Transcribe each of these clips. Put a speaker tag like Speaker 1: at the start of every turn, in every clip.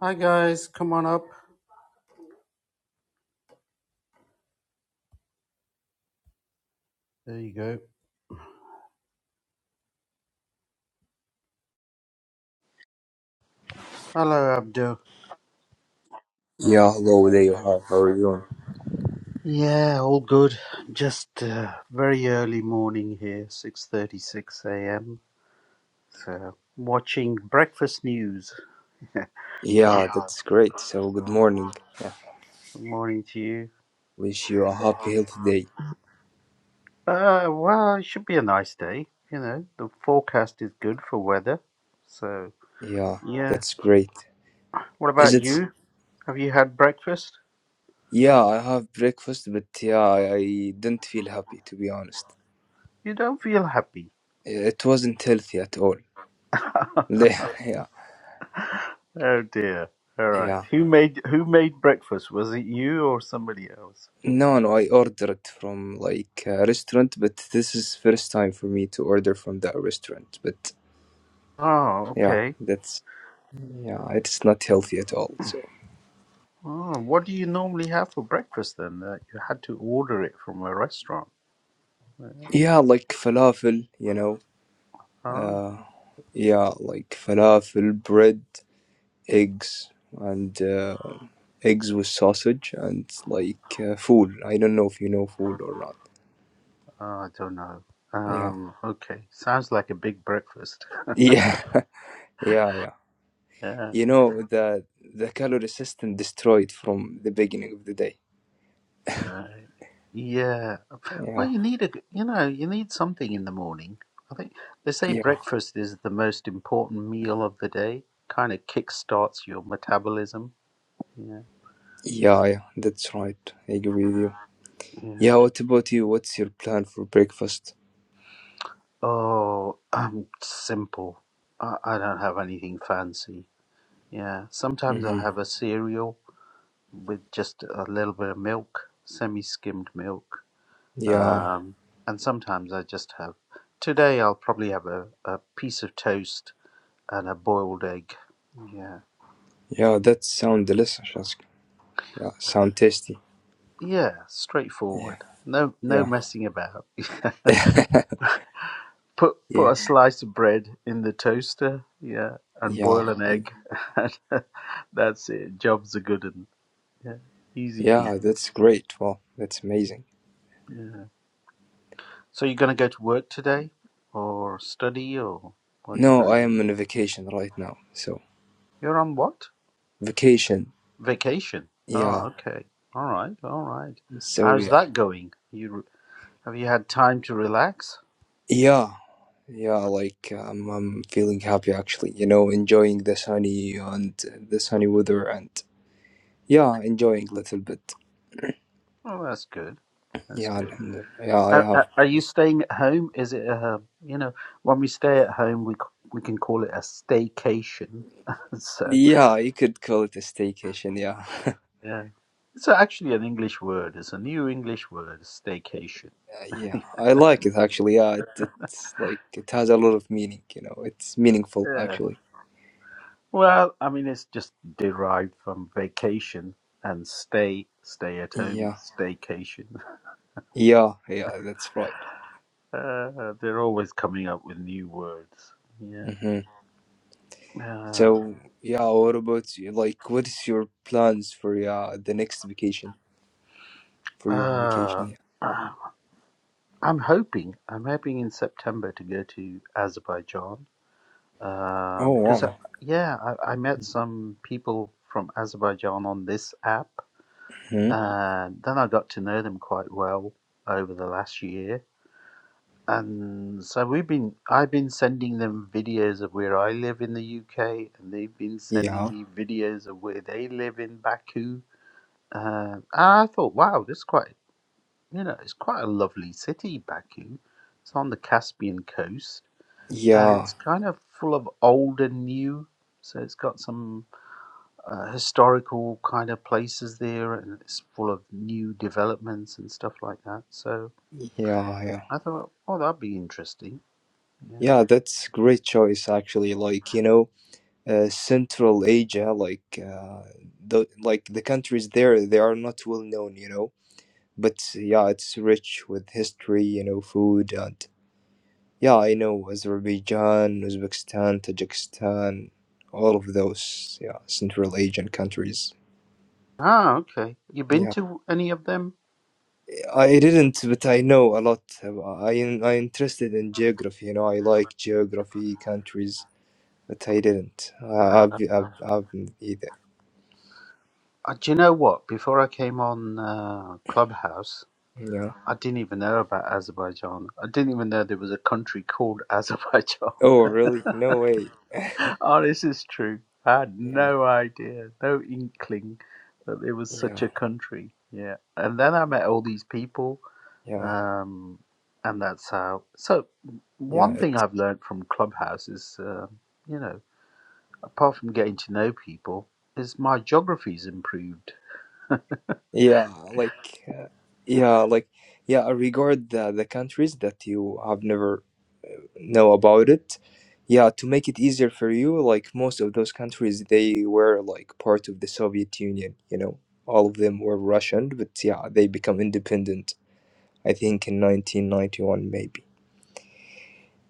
Speaker 1: Hi guys, come on up. There you go. Hello Abdul.
Speaker 2: Yeah, hello there. Hi, how are you?
Speaker 1: Yeah, all good. Just uh, very early morning here, 6:36 a.m. So watching breakfast news. John,
Speaker 2: Yeah,
Speaker 1: Yeah.
Speaker 2: that's great. So, good morning. Yeah,
Speaker 1: good morning to you.
Speaker 2: wish you a happy, healthy day.
Speaker 1: Uh, well, it should be a nice day. You know, the forecast is good for weather. So
Speaker 2: Yeah,
Speaker 1: yeah.
Speaker 2: that's great.
Speaker 1: What
Speaker 2: Is
Speaker 1: about
Speaker 2: it?
Speaker 1: you? Have you had breakfast?
Speaker 2: Yeah, I have breakfast, but yeah, I, I didn't feel happy to be honest.
Speaker 1: You don't feel happy.
Speaker 2: Yeah, It wasn't healthy at all. yeah,
Speaker 1: Oh dear. All right.
Speaker 2: yeah.
Speaker 1: Who made who made breakfast? Was it you or somebody else?
Speaker 2: No, no, I ordered from like a restaurant, but this is first time for me to order from that restaurant. But
Speaker 1: Oh,
Speaker 2: yeah,
Speaker 1: okay.
Speaker 2: that's yeah, it's not healthy at all. So
Speaker 1: Oh, what do you normally have for breakfast then? That you had to order it from a restaurant. Oh,
Speaker 2: yeah, like falafel, you know.
Speaker 1: oh
Speaker 2: Uh, yeah, like falafel, bread, eggs, and uh, eggs with sausage, and like uh, fool. I don't know if you know fool or not.
Speaker 1: I don't know.
Speaker 2: Yeah,
Speaker 1: Um, okay. Sounds like a big breakfast.
Speaker 2: yeah, yeah, yeah.
Speaker 1: Yeah.
Speaker 2: You know the the calorie system destroyed from the beginning of the day.
Speaker 1: Uh, yeah. Well,
Speaker 2: Yeah,
Speaker 1: you need a you know you need something in the morning. I think they say
Speaker 2: yeah,
Speaker 1: breakfast is the most important meal of the day. Kind of kick starts your metabolism. Yeah.
Speaker 2: yeah, yeah. That's right. I agree with you.
Speaker 1: Yeah.
Speaker 2: Yeah. What about you? What's your plan for breakfast?
Speaker 1: Oh, I'm simple. I, I don't have anything fancy. Yeah, sometimes I
Speaker 2: Mm-hmm.
Speaker 1: have a cereal with just a little bit of milk, semi-skimmed milk.
Speaker 2: Yeah,
Speaker 1: Um, and sometimes I just have. Today I'll probably have a, a piece of toast and a boiled egg. Yeah,
Speaker 2: yeah. That sound delicious. Shazia. Yeah, sound tasty.
Speaker 1: yeah,
Speaker 2: Yeah,
Speaker 1: straightforward. No, no messing about.
Speaker 2: yeah.
Speaker 1: put put a
Speaker 2: Yeah,
Speaker 1: slice of bread in the toaster. Yeah, and
Speaker 2: yeah,
Speaker 1: boil an
Speaker 2: mm,
Speaker 1: egg. And That's it. Job's a good Yeah, easy peasy.
Speaker 2: yeah, that's great. Wow, that's amazing.
Speaker 1: Yeah. So you're gonna go to work today, or study, or what are you
Speaker 2: No,
Speaker 1: gonna
Speaker 2: I
Speaker 1: do?
Speaker 2: am on a vacation right now. So,
Speaker 1: You're on what?
Speaker 2: vacation.
Speaker 1: Vacation.
Speaker 2: Yeah,
Speaker 1: Oh, okay. All right, all right.
Speaker 2: so
Speaker 1: How's
Speaker 2: yeah.
Speaker 1: that going? You have you had time to relax?
Speaker 2: Yeah, yeah, like um, I'm feeling happy actually, you know, enjoying the sunny and the sunny weather and yeah, enjoying a little bit.
Speaker 1: Oh, that's good. That's
Speaker 2: Yeah,
Speaker 1: good.
Speaker 2: alhamdulillah. yeah, I
Speaker 1: Are,
Speaker 2: have.
Speaker 1: are are you staying at home? Is it uh, you know when we stay at home we c- we can call it a staycation. so
Speaker 2: Yeah, you could call it a staycation, yeah.
Speaker 1: yeah, it's actually an English word. It's a new English word, staycation.
Speaker 2: Yeah, I like it actually. Yeah, it, it's like it has a lot of meaning, you know, it's meaningful
Speaker 1: Yeah.
Speaker 2: actually.
Speaker 1: Well, I mean, it's just derived from vacation and stay, stay at
Speaker 2: Yeah.
Speaker 1: home, staycation.
Speaker 2: Yeah, yeah, that's right.
Speaker 1: Uh, they're always coming up with new words. Yeah.
Speaker 2: hmm
Speaker 1: Uh,
Speaker 2: So, yeah, what about you? Like, what's your plans for yeah the next vacation for your
Speaker 1: uh,
Speaker 2: vacation? Yeah.
Speaker 1: uh, I'm hoping, I'm hoping in September to go to Azerbaijan. Um,
Speaker 2: Oh,
Speaker 1: because, I,
Speaker 2: um,
Speaker 1: yeah, I, I met some people from Azerbaijan on this app.
Speaker 2: hmm
Speaker 1: And then I got to know them quite well over the last year And so we've been, I've been sending them videos of where I live in the UK, and they've been sending
Speaker 2: yeah,
Speaker 1: me videos of where they live in Baku. Uh, and I thought, wow, this is quite, you know, it's quite a lovely city, Baku. It's on the Caspian coast, and
Speaker 2: yeah,
Speaker 1: it's kind of full of old and new. So it's got some uh, historical kind of places there, and it's full of new developments and stuff like that. So
Speaker 2: yeah, yeah,
Speaker 1: I thought, oh, that'd be interesting. Yeah.
Speaker 2: yeah. That's great choice, actually. Like, you know, uh, Central Asia, like uh, the like the countries there, they are not well known, you know. But yeah, it's rich with history, you know, food and Yeah, I know Azerbaijan, Uzbekistan, Tajikistan, all of those, yeah, Central Asian countries.
Speaker 1: Ah, okay. You been
Speaker 2: Yeah,
Speaker 1: to any of them?
Speaker 2: I didn't, but I know a lot. I I interested in geography, you know. I like geography, countries, but I didn't. I, I've,
Speaker 1: Uh,
Speaker 2: I've, I've either.
Speaker 1: uh, do you know what? Before I came on uh, Clubhouse,
Speaker 2: Yeah.
Speaker 1: I didn't even know about Azerbaijan. I didn't even know there was a country called Azerbaijan.
Speaker 2: Oh, really? No way.
Speaker 1: oh, this is true. I had
Speaker 2: Yeah,
Speaker 1: no idea, no inkling that there was such
Speaker 2: yeah,
Speaker 1: a country. Yeah. And then I met all these people,
Speaker 2: yeah,
Speaker 1: um, and that's how. So,
Speaker 2: yeah,
Speaker 1: one
Speaker 2: it,
Speaker 1: thing I've learned from Clubhouse is, uh, you know, apart from getting to know people, is my geography's improved.
Speaker 2: yeah. Like, uh, yeah, like, yeah. I Regard the the countries that you have never know about it. Yeah, to make it easier for you, like most of those countries, they were like part of the Soviet Union, you know. All of them were Russian, but yeah, they become independent, I think in 1991 maybe.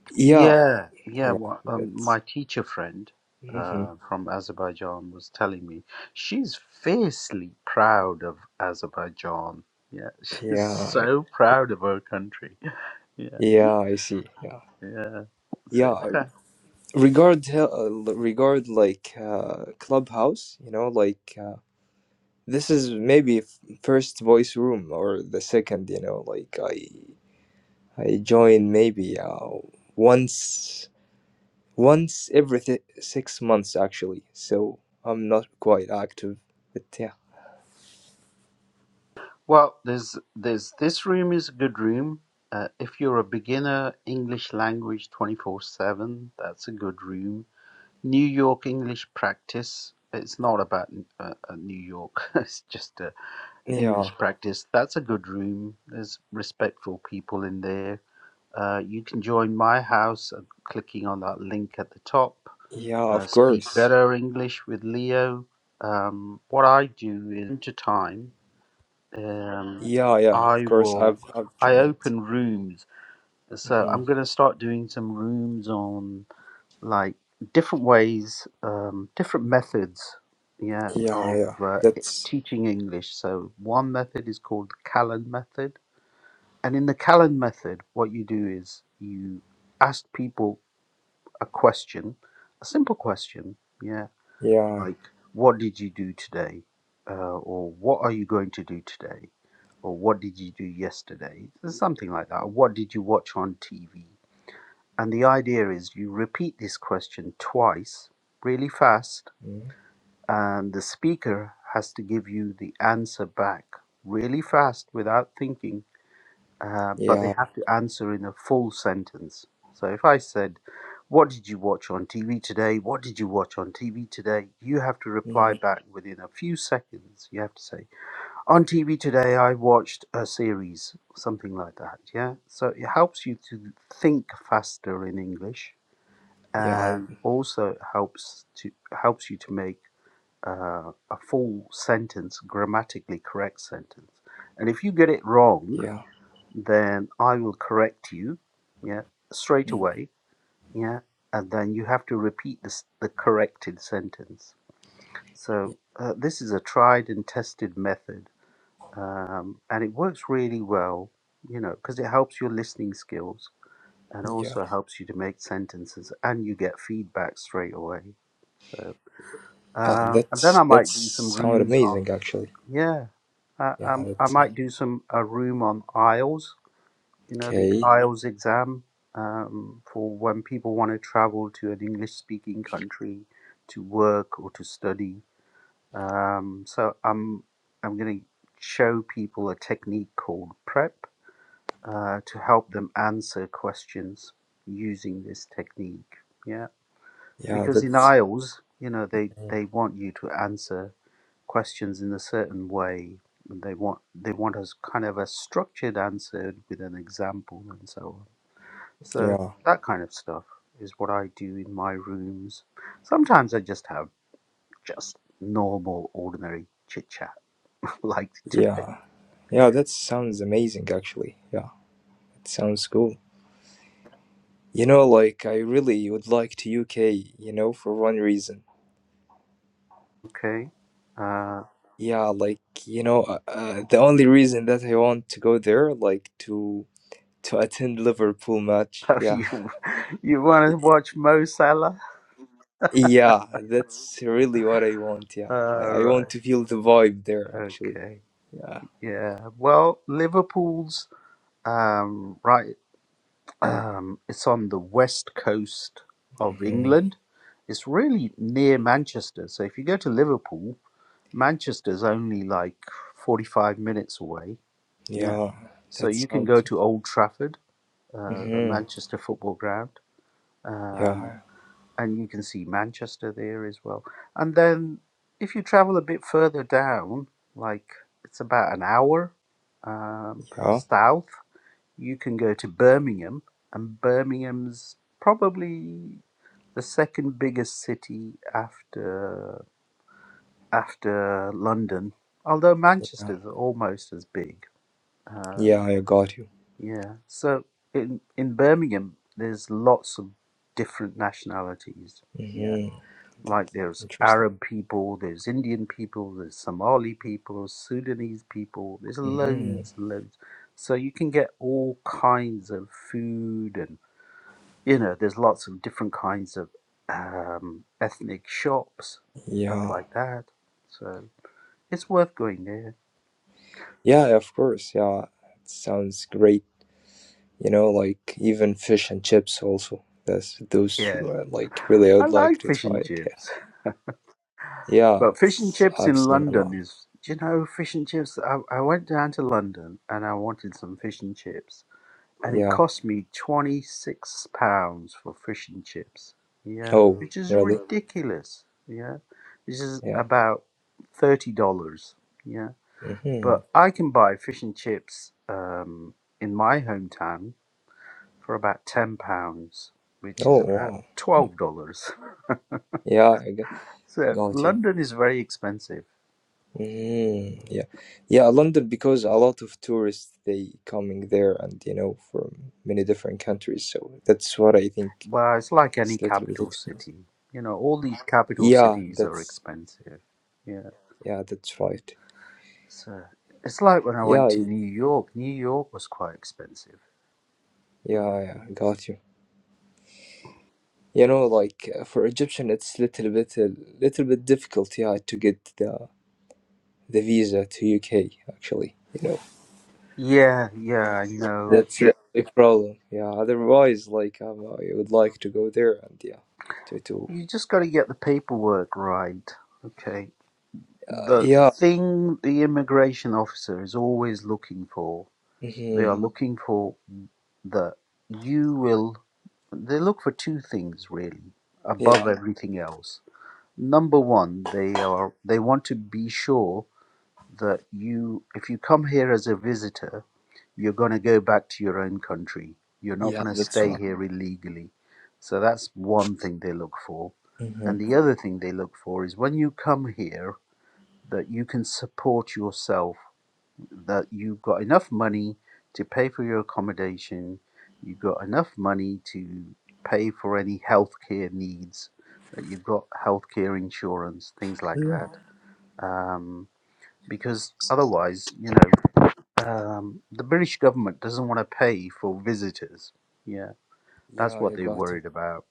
Speaker 2: Yeah,
Speaker 1: Yeah, yeah.
Speaker 2: yeah,
Speaker 1: wha- Um,
Speaker 2: that's
Speaker 1: my teacher friend
Speaker 2: hmm
Speaker 1: uh, from Azerbaijan was telling me she's fiercely proud of Azerbaijan. Yeah, she's
Speaker 2: Yeah,
Speaker 1: so proud of her country. Yeah,
Speaker 2: yeah, I see. Yeah.
Speaker 1: yeah. So it's
Speaker 2: Yeah,
Speaker 1: kind
Speaker 2: regard hel- uh, l- regard like uh, Clubhouse, you know, like uh, this is maybe f- first voice room or the second, you know, like I join maybe uh, once once every th- six months actually. So I'm not quite active. But yeah,
Speaker 1: well, there's there's this room is a good room. Uh, if you're a beginner English language 24/7, that's a good room New York English practice. It's not about uh, uh, New York. It's just a
Speaker 2: yeah,
Speaker 1: English practice. That's a good room. There's respectful people in there. Uh, you can join my house uh, clicking on that link at the top.
Speaker 2: yeah.
Speaker 1: Uh,
Speaker 2: Of
Speaker 1: speak
Speaker 2: course.
Speaker 1: better English with Leo. Um, what I do is into time. Um,
Speaker 2: Yeah, yeah. Of
Speaker 1: I
Speaker 2: course.
Speaker 1: will.
Speaker 2: I've I've
Speaker 1: I
Speaker 2: joined.
Speaker 1: open rooms. So
Speaker 2: hmm
Speaker 1: I'm going to start doing some rooms on like different ways, um, different methods, yeah,
Speaker 2: Yeah,
Speaker 1: of
Speaker 2: yeah.
Speaker 1: uh, e-,
Speaker 2: That's
Speaker 1: teaching English. So one method is called the Callan method, and in the Callan method, what you do is you ask people a question, a simple question, yeah,
Speaker 2: yeah,
Speaker 1: like what did you do today, uh, or what are you going to do today, or what did you do yesterday, something like that. Or, what did you watch on TV? And the idea is you repeat this question twice, really fast,
Speaker 2: mm,
Speaker 1: and the speaker has to give you the answer back really fast without thinking, uh, but they
Speaker 2: yeah,
Speaker 1: have to answer in a full sentence. So if I said, What did you watch on TV today? What did you watch on TV today? You have to reply
Speaker 2: mhm,
Speaker 1: back within a few seconds. You have to say, On TV today, I watched a series, something like that. Yeah. So it helps you to think faster in English
Speaker 2: yeah,
Speaker 1: and also helps to helps you to make uh, a full sentence grammatically correct sentence and if you get it wrong
Speaker 2: yeah,
Speaker 1: then i will correct you yeah straight
Speaker 2: mm,
Speaker 1: away yeah and then you have to repeat this, the corrected sentence
Speaker 2: y-
Speaker 1: so uh, this is a tried and tested method um, and it works really well you know because it helps your listening skills and
Speaker 2: yeah,
Speaker 1: also helps you to make sentences and you get feedback straight away so
Speaker 2: yeah.
Speaker 1: uh, and then
Speaker 2: That's
Speaker 1: i
Speaker 2: that's
Speaker 1: might do some
Speaker 2: sound
Speaker 1: rooms on
Speaker 2: amazing actually.
Speaker 1: yeah I,
Speaker 2: Yeah.
Speaker 1: um, I
Speaker 2: That's
Speaker 1: might do some a room on IELTS, you know the
Speaker 2: okay.
Speaker 1: IELTS exam um, for when people want to travel to an english speaking country to work or to study um, so i'm i'm going to show people a technique called prep uh, to help them answer questions using this technique. Yeah,
Speaker 2: Yeah.
Speaker 1: because in
Speaker 2: That's
Speaker 1: IELTS, you know, they
Speaker 2: mm-hmm.
Speaker 1: they want you to answer questions in a certain way. And they want they want us kind of a structured answer with an example and so on. So
Speaker 2: yeah.
Speaker 1: that kind of stuff is what I do in my rooms. Sometimes I just have just normal, ordinary chit chat like today.
Speaker 2: Yeah. Yeah, that sounds amazing actually. Yeah, it sounds cool. You know, like I really would like to UK, you know, for one reason.
Speaker 1: Okay. Uh,
Speaker 2: Yeah, like, you know, uh, uh, the only reason that I want to go there, like to to attend Liverpool match. Yeah.
Speaker 1: you you want to watch Mo Salah?
Speaker 2: Yeah, that's really what I want. Yeah.
Speaker 1: Uh,
Speaker 2: I, I
Speaker 1: Right.
Speaker 2: want to feel the vibe there actually.
Speaker 1: Okay.
Speaker 2: Yeah.
Speaker 1: Yeah. Well, Liverpool's um, right. Um, it's on the west coast of
Speaker 2: hmm
Speaker 1: England. It's really near Manchester. So if you go to Liverpool, Manchester's only like forty-five minutes away. Yeah.
Speaker 2: Yeah,
Speaker 1: So
Speaker 2: that
Speaker 1: you can go
Speaker 2: sounds.
Speaker 1: to Old Trafford, uh, the
Speaker 2: hmm
Speaker 1: Manchester football ground. Um,
Speaker 2: Yeah,
Speaker 1: and you can see Manchester there as well. And then if you travel a bit further down, like it's about an hour um,
Speaker 2: yeah.
Speaker 1: south, you can go to Birmingham, and Birmingham's probably the second biggest city after after London, although
Speaker 2: Yeah,
Speaker 1: Manchester's almost as big.
Speaker 2: yeah,
Speaker 1: Um,
Speaker 2: I got you.
Speaker 1: yeah, so in in Birmingham, there's lots of different nationalities. Yeah.
Speaker 2: hmm That's
Speaker 1: Like there's
Speaker 2: interesting.
Speaker 1: Arab people, there's Indian people, there's Somali people, Sudanese people. There's
Speaker 2: hmm
Speaker 1: loads, and loads. So you can get all kinds of food, and you know, there's lots of different kinds of um, ethnic shops, stuff
Speaker 2: Yeah.
Speaker 1: like that. So it's worth going there.
Speaker 2: Yeah, of course. Yeah. It sounds great. You know, like even fish and chips also. That's those
Speaker 1: Yeah,
Speaker 2: uh, like really I
Speaker 1: I
Speaker 2: would like
Speaker 1: like
Speaker 2: to
Speaker 1: fish
Speaker 2: try
Speaker 1: and
Speaker 2: it. Yeah.
Speaker 1: chips,
Speaker 2: Yeah,
Speaker 1: but fish and
Speaker 2: it's
Speaker 1: chips
Speaker 2: I've
Speaker 1: in
Speaker 2: seen a
Speaker 1: London
Speaker 2: lot.
Speaker 1: is, do you know, fish and chips. I, I went down to London and I wanted some fish and chips and it
Speaker 2: Yeah.
Speaker 1: cost me twenty six pounds for fish and chips. Yeah, Mm,
Speaker 2: Oh,
Speaker 1: which is mm,
Speaker 2: really?
Speaker 1: ridiculous. Yeah, this is
Speaker 2: Yeah.
Speaker 1: about thirty dollars. Yeah,
Speaker 2: hmm
Speaker 1: but I can buy fish and chips um, in my hometown for about ten pounds, which
Speaker 2: Oh,
Speaker 1: is about
Speaker 2: wow.
Speaker 1: twelve dollars.
Speaker 2: Yeah, I got,
Speaker 1: So
Speaker 2: got you.
Speaker 1: London is very expensive.
Speaker 2: Mm, yeah. Yeah, London because a lot of tourists they coming there and you know from many different countries. So that's what I think.
Speaker 1: Well, it's like
Speaker 2: It's
Speaker 1: any
Speaker 2: a little bit
Speaker 1: capital
Speaker 2: expensive.
Speaker 1: city. You know, all these capital
Speaker 2: Yeah,
Speaker 1: cities are
Speaker 2: that's
Speaker 1: expensive. yeah.
Speaker 2: Yeah, that's right.
Speaker 1: So it's like when I
Speaker 2: Yeah,
Speaker 1: went to
Speaker 2: y-
Speaker 1: New York. New York was quite expensive. Mm.
Speaker 2: yeah, yeah, got you. You know, like uh, for Egyptian, it's little bit a little bit difficult, yeah, to get the the visa to UK actually. You know,
Speaker 1: Yeah, yeah, I
Speaker 2: Uh,
Speaker 1: know.
Speaker 2: that's the only problem. Yeah, otherwise, like um, I would like to go there and yeah, to to
Speaker 1: You just got to get the paperwork right. Okay.
Speaker 2: uh,
Speaker 1: The
Speaker 2: yeah,
Speaker 1: thing the immigration officer is always looking for, they
Speaker 2: hmm
Speaker 1: are looking for the you will. They look for two things really
Speaker 2: yeah,
Speaker 1: above everything else. Number one, they are they want to be sure that you, if you come here as a visitor, you're going to go back to your own country. You're not
Speaker 2: yeah,
Speaker 1: going to
Speaker 2: that's
Speaker 1: stay
Speaker 2: right.
Speaker 1: here illegally. So that's one thing they look for.
Speaker 2: hmm
Speaker 1: And the other thing they look for is when you come here, that you can support yourself, that you've got enough money to pay for your accommodation, you've got enough money to pay for any healthcare needs, that you've got healthcare insurance, things like
Speaker 2: Yeah,
Speaker 1: that. Um, because otherwise, you know, um, the British government doesn't want to pay for visitors. Yeah,
Speaker 2: yeah,
Speaker 1: that's what
Speaker 2: I
Speaker 1: they're
Speaker 2: got you.
Speaker 1: worried about.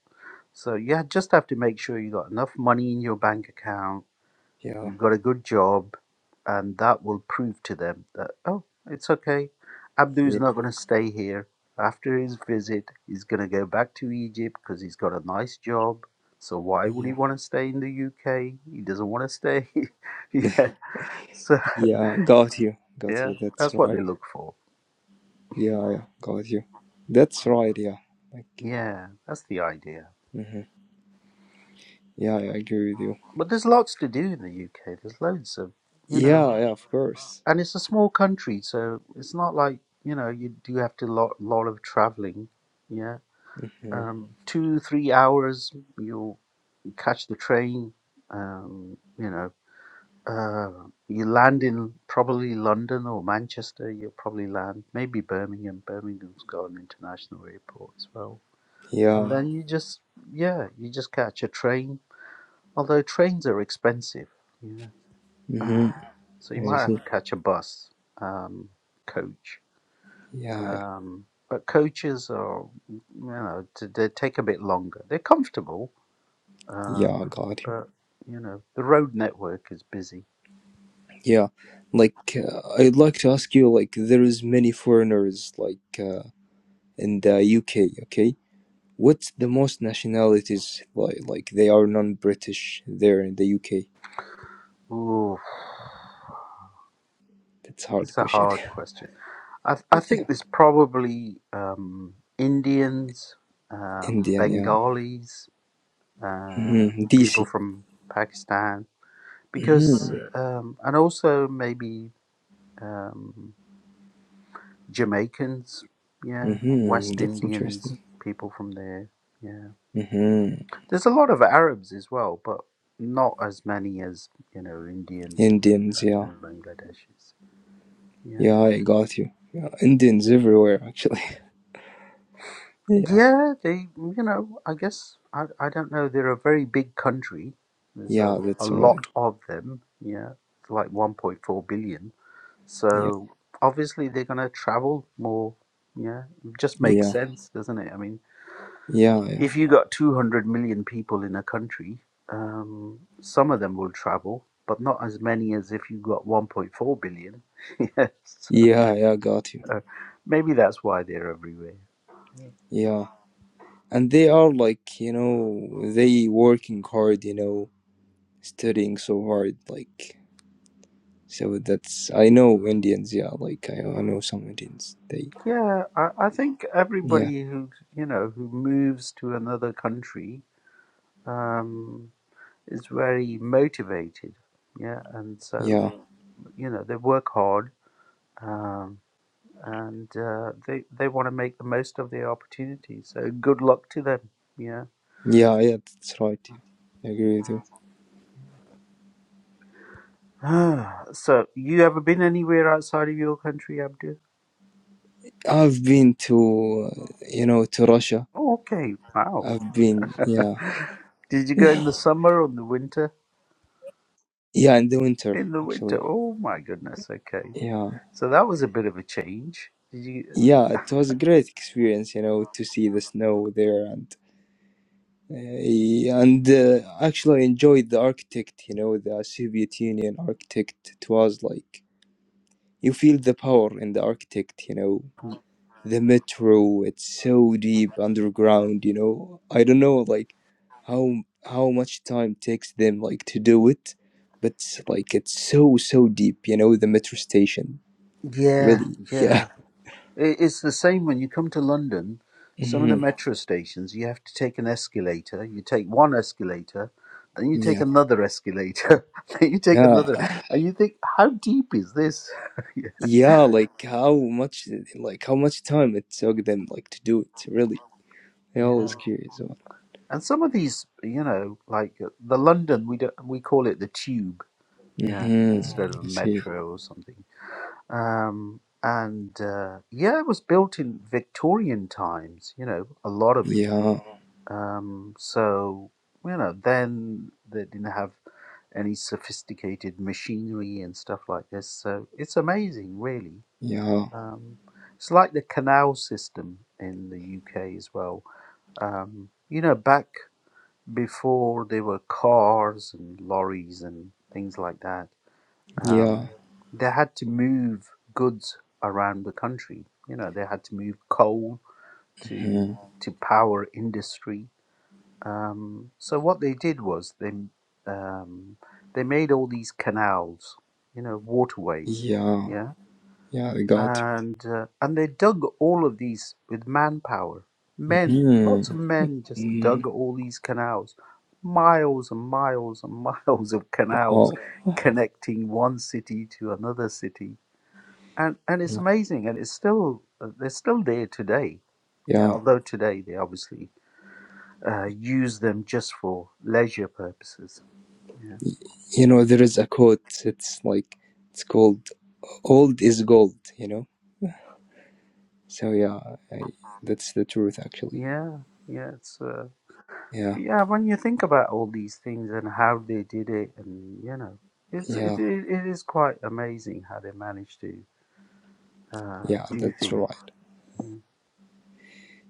Speaker 1: So yeah, just have to make sure you got enough money in your bank account,
Speaker 2: Yeah,
Speaker 1: you've got a good job, and that will prove to them that oh, it's okay. Abdu's
Speaker 2: yeah,
Speaker 1: not going to stay here. After his visit, he's going to go back to Egypt because he's got a nice job. So why would he
Speaker 2: yeah,
Speaker 1: want to stay in the UK? He doesn't want to stay. yeah. so.
Speaker 2: yeah, got you, got
Speaker 1: Yeah,
Speaker 2: you. That's
Speaker 1: that's what
Speaker 2: right.
Speaker 1: they look for.
Speaker 2: Yeah, yeah, got you. That's right, yeah. Like,
Speaker 1: Yeah, that's the idea.
Speaker 2: hmm yeah, yeah, I agree with you.
Speaker 1: But there's lots to do in the UK. There's loads of, you know,
Speaker 2: Yeah,
Speaker 1: Mhm.
Speaker 2: yeah, of course.
Speaker 1: and it's a small country, so it's not like, you know, you do have to lot lot of traveling. Yeah.
Speaker 2: hmm
Speaker 1: Um, two, three hours, you'll catch the train. Um, you know, uh, you land in probably London or Manchester. You'll probably land maybe Birmingham. Birmingham's got an international airport as well. And
Speaker 2: Yeah.
Speaker 1: then you just, yeah, you just catch a train Although trains are expensive, yeah. Uh,
Speaker 2: hmm
Speaker 1: so you
Speaker 2: Yeah, you
Speaker 1: might have
Speaker 2: see?
Speaker 1: to catch a bus, um, coach.
Speaker 2: Yeah, yeah,
Speaker 1: Um, but coaches are, you know, they take a bit longer. They're comfortable, uh,
Speaker 2: yeah, got you.
Speaker 1: but you know, the road network is busy.
Speaker 2: Yeah, like uh, I'd like to ask you, like, there is many foreigners, like, uh, in the UK. Okay, what's the most nationalities like? Like, they are non-British there in the UK.
Speaker 1: Ooh,
Speaker 2: That's a hard
Speaker 1: it's a
Speaker 2: question.
Speaker 1: hard question. I I think
Speaker 2: yeah,
Speaker 1: there's probably um, Indians, um,
Speaker 2: Indian. Yeah.
Speaker 1: Bengalis, um,
Speaker 2: hmm
Speaker 1: people
Speaker 2: DC.
Speaker 1: from Pakistan. because um, and also maybe um, Jamaicans, yeah,
Speaker 2: Mm-hmm.
Speaker 1: West
Speaker 2: That's
Speaker 1: Indians,
Speaker 2: interesting.
Speaker 1: people from there, yeah.
Speaker 2: Mm-hmm.
Speaker 1: There's a lot of Arabs as well, but not as many as you know Indians and,
Speaker 2: Indians, yeah.
Speaker 1: and Bangladeshis. Yeah,
Speaker 2: Yeah, I got you. Yeah, Indians everywhere, actually. Yeah.
Speaker 1: yeah. They, you know, I guess I, I don't know. They're a very big country. There's a,
Speaker 2: Yeah,
Speaker 1: a
Speaker 2: that's right.
Speaker 1: lot of them. Yeah, it's like 1.4 billion
Speaker 2: Yeah.
Speaker 1: So obviously they're going to travel more. Yeah, it just makes
Speaker 2: Yeah.
Speaker 1: sense, doesn't it? I mean,
Speaker 2: Yeah, yeah.
Speaker 1: if you got 200 million people in a country, um, some of them will travel, but not as many as if you got 1.4 billion. yes,
Speaker 2: Yeah, yeah, got you.
Speaker 1: so maybe that's why they're everywhere.
Speaker 2: Yeah. And they are like, you know, they working hard, you know, studying so hard, like so that's I know Indians, yeah, like I, I know some Indians. They
Speaker 1: Yeah, I, I think
Speaker 2: yeah.
Speaker 1: everybody who you know who moves to another country um, is very motivated. Yeah, and
Speaker 2: Yeah.
Speaker 1: so Mm. you know they work hard. Um, and uh, they they want to make the most of their opportunity. So good luck to them. Yeah.
Speaker 2: Yeah, yeah, that's right. Yeah. I agree with you.
Speaker 1: so you ever been anywhere outside of your country, Abdul?
Speaker 2: I've been to uh, you know to Russia
Speaker 1: Oh, Okay. Wow.
Speaker 2: I've been, yeah,
Speaker 1: Did you go in the summer or in the winter?
Speaker 2: yeah, in the winter
Speaker 1: In the winter.
Speaker 2: actually.
Speaker 1: Oh my goodness. Okay.
Speaker 2: Yeah,
Speaker 1: So that was a bit of a change. Did you?
Speaker 2: yeah, it was a great experience, you know, to see the snow there and uh, and uh, actually enjoyed the architect, you know, the Soviet Union architect. It was like you feel the power in the architect, you know, the metro. It's so deep underground, you know. I don't know, like how how much time takes them like to do it, but like it's so so deep, you know, the metro station
Speaker 1: Yeah.
Speaker 2: Really?
Speaker 1: Yeah.
Speaker 2: Yeah.
Speaker 1: I- It's the same when you come to London. Some of the
Speaker 2: hmm
Speaker 1: metro stations, you have to take an escalator. You take one escalator, then you take
Speaker 2: Yeah.
Speaker 1: another escalator, then you take another,
Speaker 2: Yeah.
Speaker 1: and you think, how deep is this? yeah.
Speaker 2: Yeah, like how much like how much time it took them like to do it, really. I always
Speaker 1: Yeah.
Speaker 2: curious about
Speaker 1: And some of these, you know, like uh, the London, we don't, we call it the tube,
Speaker 2: it.
Speaker 1: yeah, instead of
Speaker 2: Mm-hmm.
Speaker 1: a
Speaker 2: I see.
Speaker 1: metro or something. Um, and uh, yeah, it was built in Victorian times, you know, a lot of it
Speaker 2: Yeah.
Speaker 1: Um, so, you know, then they didn't have any sophisticated machinery and stuff like this. So it's amazing, really.
Speaker 2: Yeah.
Speaker 1: Um, it's like the canal system in the UK as well. Um, you know, back before there were cars and lorries and things like that, um,
Speaker 2: Yeah.
Speaker 1: they had to move goods around the country. You know, they had to move coal to
Speaker 2: hmm
Speaker 1: to power industry um, so what they did was they um, they made all these canals, you know, waterways,
Speaker 2: Yeah.
Speaker 1: yeah,
Speaker 2: Yeah, I got
Speaker 1: and uh, and they dug all of these with manpower,
Speaker 2: you.
Speaker 1: men, lots
Speaker 2: Mm-hmm.
Speaker 1: of men just
Speaker 2: mm
Speaker 1: dug all these canals, miles and miles and miles of canals
Speaker 2: Oh.
Speaker 1: connecting one city to another city, and and it's
Speaker 2: Yeah.
Speaker 1: amazing, and it's still uh, they're still there today, yeah.
Speaker 2: Yeah.
Speaker 1: Although today they obviously uh, use them just for leisure purposes. Yeah,
Speaker 2: You know, there is a quote, it's like it's called old is gold, you know? So yeah, I, that's the truth actually.
Speaker 1: yeah, yeah. It's uh,
Speaker 2: Yeah.
Speaker 1: yeah. When you think about all these things and how they did it, and you know, it's
Speaker 2: Yeah.
Speaker 1: it, it, it is quite amazing how they managed to uh,
Speaker 2: Yeah,
Speaker 1: do
Speaker 2: that's
Speaker 1: things.
Speaker 2: right.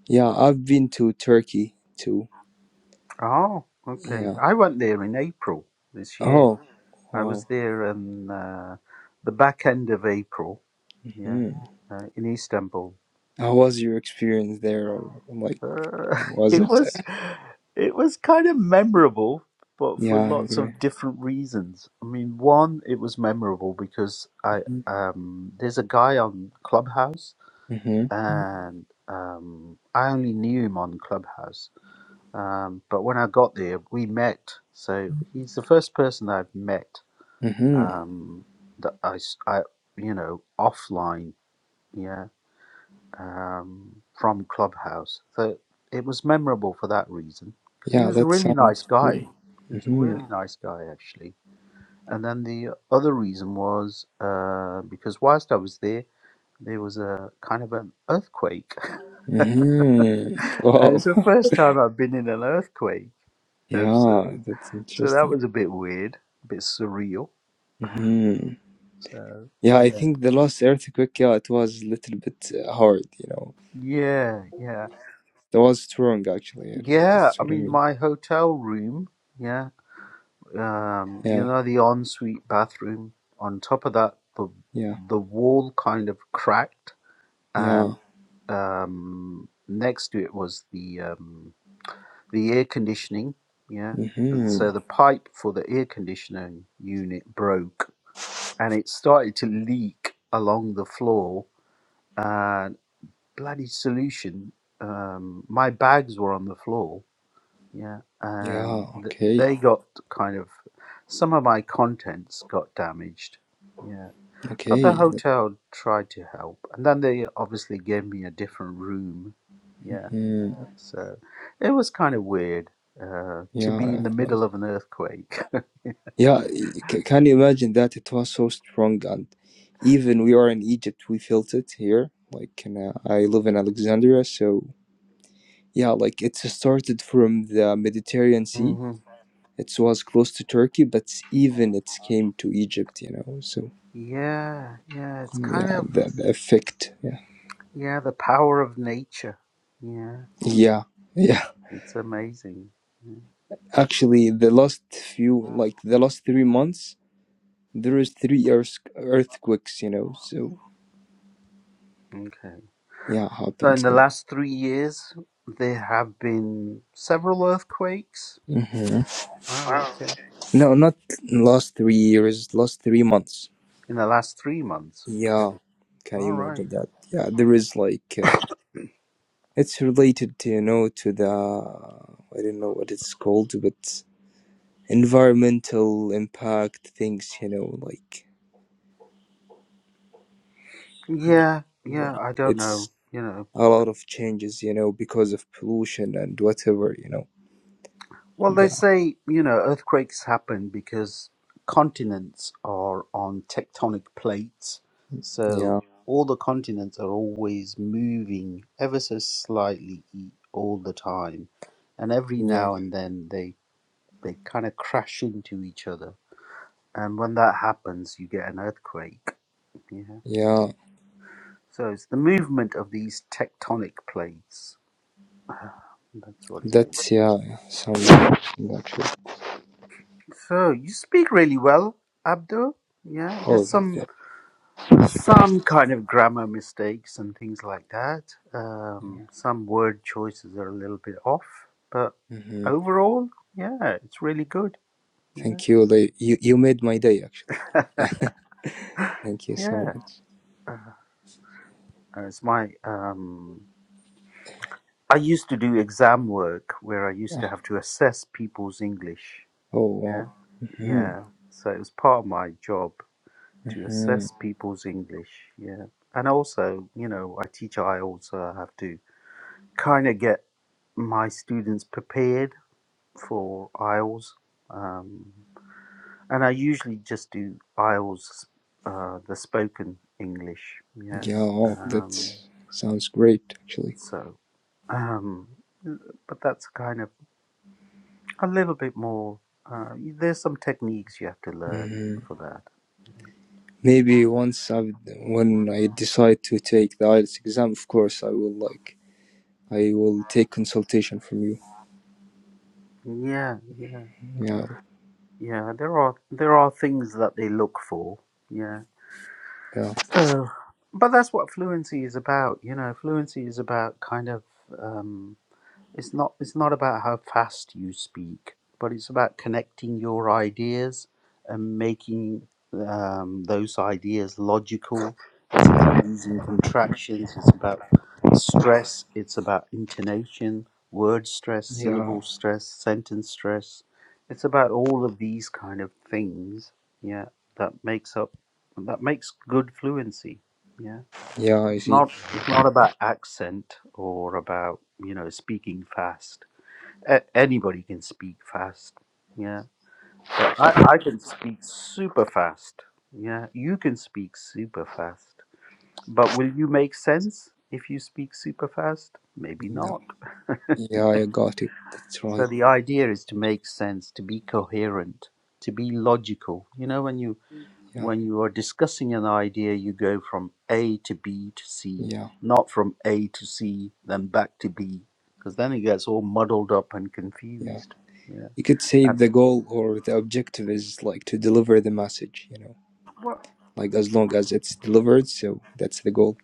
Speaker 2: Yeah, I've been to Turkey too.
Speaker 1: Oh, okay.
Speaker 2: Yeah.
Speaker 1: I went there in April this year.
Speaker 2: Oh,
Speaker 1: I was
Speaker 2: wow.
Speaker 1: there in uh, the back end of April. Yeah,
Speaker 2: hmm
Speaker 1: uh, in Istanbul
Speaker 2: How was your experience there? Like,
Speaker 1: Uh,
Speaker 2: was
Speaker 1: it
Speaker 2: it?
Speaker 1: was it was kind of memorable, but for
Speaker 2: Yeah,
Speaker 1: lots
Speaker 2: great.
Speaker 1: of different reasons. I mean, one, it was memorable because I um, there's a guy on Clubhouse,
Speaker 2: Mm-hmm.
Speaker 1: and um, I only knew him on Clubhouse. Um, but when I got there, we met. So he's the first person I've met
Speaker 2: Mm-hmm.
Speaker 1: um, that I, s- I- you know offline. Yeah um, from Clubhouse. So it was memorable for that reason because he
Speaker 2: Yeah,
Speaker 1: was a
Speaker 2: that
Speaker 1: really nice
Speaker 2: sounds cool.
Speaker 1: guy. He was a
Speaker 2: Mm-hmm.
Speaker 1: really nice guy actually. And then the other reason was uh, because whilst I was there, there was a kind of an earthquake, and
Speaker 2: Mm-hmm. Wow.
Speaker 1: it's the first time I've been in an earthquake. It's, uh,
Speaker 2: Yeah, that's
Speaker 1: so that
Speaker 2: interesting.
Speaker 1: was a bit weird, a bit surreal.
Speaker 2: Mm-hmm.
Speaker 1: So
Speaker 2: Yeah, I
Speaker 1: yeah,
Speaker 2: think the last earthquake, yeah, it was a little bit uh, hard, you know.
Speaker 1: yeah, yeah,
Speaker 2: It was strong, actually.
Speaker 1: yeah.
Speaker 2: That's
Speaker 1: I
Speaker 2: what I
Speaker 1: mean,
Speaker 2: mean.
Speaker 1: my hotel room. yeah. um, you
Speaker 2: Yeah,
Speaker 1: know, the ensuite bathroom. On top of that, the
Speaker 2: yeah,
Speaker 1: the wall kind of cracked,
Speaker 2: yeah.
Speaker 1: and um, next to it was the um, the air conditioning. Yeah, and so
Speaker 2: Mhm.
Speaker 1: the pipe for the air conditioning unit broke, and it started to leak along the floor. And bloody solution! Um, my bags were on the floor, Yeah, and
Speaker 2: Yeah,
Speaker 1: th-
Speaker 2: okay,
Speaker 1: they got kind of some of my contents got damaged. Yeah, but the
Speaker 2: okay.
Speaker 1: hotel tried to help, and then they obviously gave me a different room. Yeah,
Speaker 2: Mhm.
Speaker 1: so it was kind of weird uh, to
Speaker 2: Yeah,
Speaker 1: be in the
Speaker 2: it
Speaker 1: middle
Speaker 2: was.
Speaker 1: of an earthquake.
Speaker 2: Yeah, y- c- can you imagine that? It was so strong, and even we are in Egypt, we felt it here. Like, in, uh, I live in Alexandria, so yeah, like it started from the Mediterranean Sea.
Speaker 1: hmm
Speaker 2: It was close to Turkey, but even it came to Egypt, you know. So
Speaker 1: Yeah, yeah, it's kind
Speaker 2: yeah,
Speaker 1: of
Speaker 2: the, the effect. Yeah,
Speaker 1: yeah the power of nature. Yeah,
Speaker 2: yeah, yeah.
Speaker 1: it's amazing. Yeah.
Speaker 2: Actually, the last few, like the last three months. there was three earth earthquakes, you know. So
Speaker 1: Okay.
Speaker 2: yeah,
Speaker 1: So
Speaker 2: happened.
Speaker 1: in the
Speaker 2: So
Speaker 1: last three years, there have been several earthquakes.
Speaker 2: Mhm.
Speaker 1: Wow, okay.
Speaker 2: no, not last three years, last three months.
Speaker 1: In the last three months. Okay.
Speaker 2: Yeah, can
Speaker 1: All
Speaker 2: you imagine
Speaker 1: right.
Speaker 2: that? Yeah, there is like uh, it's related, to, you know, to the I don't know what it's called, but environmental impact things, you know, like
Speaker 1: Yeah, yeah,
Speaker 2: that.
Speaker 1: I don't
Speaker 2: It's
Speaker 1: know. You know,
Speaker 2: a lot of changes, you know, because of pollution and whatever, you know.
Speaker 1: well, they
Speaker 2: That
Speaker 1: say, you know, earthquakes happen because continents are on tectonic plates. So
Speaker 2: yeah,
Speaker 1: Yeah. all the continents are always moving ever so slightly e- all the time. And every
Speaker 2: yeah,
Speaker 1: now and then they they kind of crash into each other. and when that happens, you get an earthquake. Yeah.
Speaker 2: yeah.
Speaker 1: So it's the movement of these tectonic plates. That's what it is.
Speaker 2: That's yeah, sounds actually.
Speaker 1: So you speak really well, Abdul. Yeah. There's
Speaker 2: Oh,
Speaker 1: some
Speaker 2: that,
Speaker 1: there's some kind of grammar mistakes and things like that.
Speaker 2: yeah.
Speaker 1: Um, some word choices are a little bit off, but
Speaker 2: hmm
Speaker 1: overall, yeah, it's really good.
Speaker 2: Thank
Speaker 1: Yeah.
Speaker 2: you, Like you. You made my day actually. Thank you so
Speaker 1: yeah.
Speaker 2: much.
Speaker 1: Uh, It's my um. I used to do exam work where I used
Speaker 2: Yeah.
Speaker 1: to have to assess people's English
Speaker 2: Oh
Speaker 1: Yeah,
Speaker 2: wow. hmm
Speaker 1: yeah. So it was part of my job to
Speaker 2: hmm
Speaker 1: assess people's English. Yeah, and also, you know, I teach. I also have to kind of get my students prepared for IELTS, um, and I usually just do IELTS, uh, the spoken English. Yeah,
Speaker 2: Yeah, oh, that
Speaker 1: um,
Speaker 2: sounds great actually.
Speaker 1: so. Um, but that's kind of a little bit more. Uh, there's some techniques you have to learn
Speaker 2: hmm
Speaker 1: for that.
Speaker 2: Maybe once I when I decide to take the IELTS exam, of course I will like I will take consultation from you.
Speaker 1: Yeah, yeah.
Speaker 2: Yeah,
Speaker 1: Yeah, there are there are things that they look for. Yeah.
Speaker 2: yeah,
Speaker 1: So, but that's what fluency is about. You know, fluency is about kind of. Um, it's not it's not about how fast you speak, but it's about connecting your ideas and making um, those ideas logical. It's about using contractions. It's about stress. It's about intonation, word stress,
Speaker 2: yeah,
Speaker 1: syllable stress, sentence stress. It's about all of these kind of things. Yeah, that makes up that makes good fluency. Yeah.
Speaker 2: yeah. I
Speaker 1: It's
Speaker 2: see.
Speaker 1: not it's not about accent or about you know speaking fast. A- anybody can speak fast, yeah. But I I can speak super fast. Yeah, you can speak super fast. But will you make sense if you speak super fast? Maybe
Speaker 2: No.
Speaker 1: not.
Speaker 2: Yeah, I got you. That's
Speaker 1: So
Speaker 2: right.
Speaker 1: the idea is to make sense, to be coherent, to be logical. You know, when you
Speaker 2: Yeah,
Speaker 1: When you are discussing an idea, you go from A to B to C,
Speaker 2: yeah.
Speaker 1: not from A to C, then back to B, because then it gets all muddled up and
Speaker 2: Yeah.
Speaker 1: confused. Yeah.
Speaker 2: You could say
Speaker 1: And,
Speaker 2: the goal or the objective is like to deliver the message, you know,
Speaker 1: well,
Speaker 2: like as long as it's delivered, so that's the goal.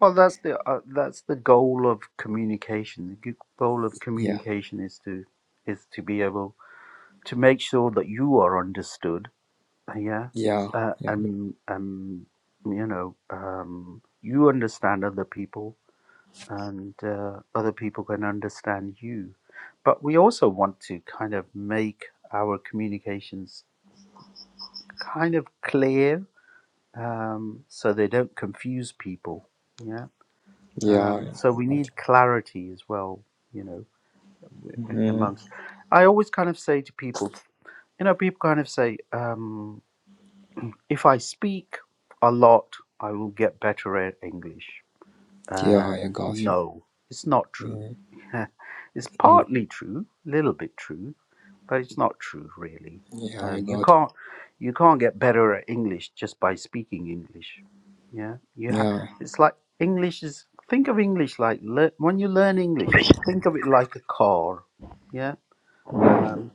Speaker 1: well, that's the uh, that's the goal of communication. The g- goal of
Speaker 2: Yeah.
Speaker 1: communication is to is to be able to make sure that you are understood. Yeah.
Speaker 2: Yeah.
Speaker 1: Uh,
Speaker 2: Yeah.
Speaker 1: and um, you know, um, you understand other people and uh, other people can understand you. But we also want to kind of make our communications kind of clear um, so they don't confuse people. Yeah. Um,
Speaker 2: Yeah. yeah.
Speaker 1: Mm. so we
Speaker 2: Got
Speaker 1: need clarity as well, you know,
Speaker 2: you.
Speaker 1: a-
Speaker 2: hmm
Speaker 1: amongst. Mm. I always kind of say to people, you know, people kind of say, um, if I speak a lot, I will get better at English.
Speaker 2: Yeah.
Speaker 1: Uh,
Speaker 2: I got you.
Speaker 1: no, it's not true.
Speaker 2: Mm-hmm.
Speaker 1: it's partly true, a little bit true, but it's not true really.
Speaker 2: Yeah.
Speaker 1: Uh,
Speaker 2: I
Speaker 1: you
Speaker 2: got you.
Speaker 1: can't you can't get better at English just by speaking English. Yeah, you ha-
Speaker 2: Yeah.
Speaker 1: it's like English is think of English like lear when you learn English, think of it like a car. Yeah, um,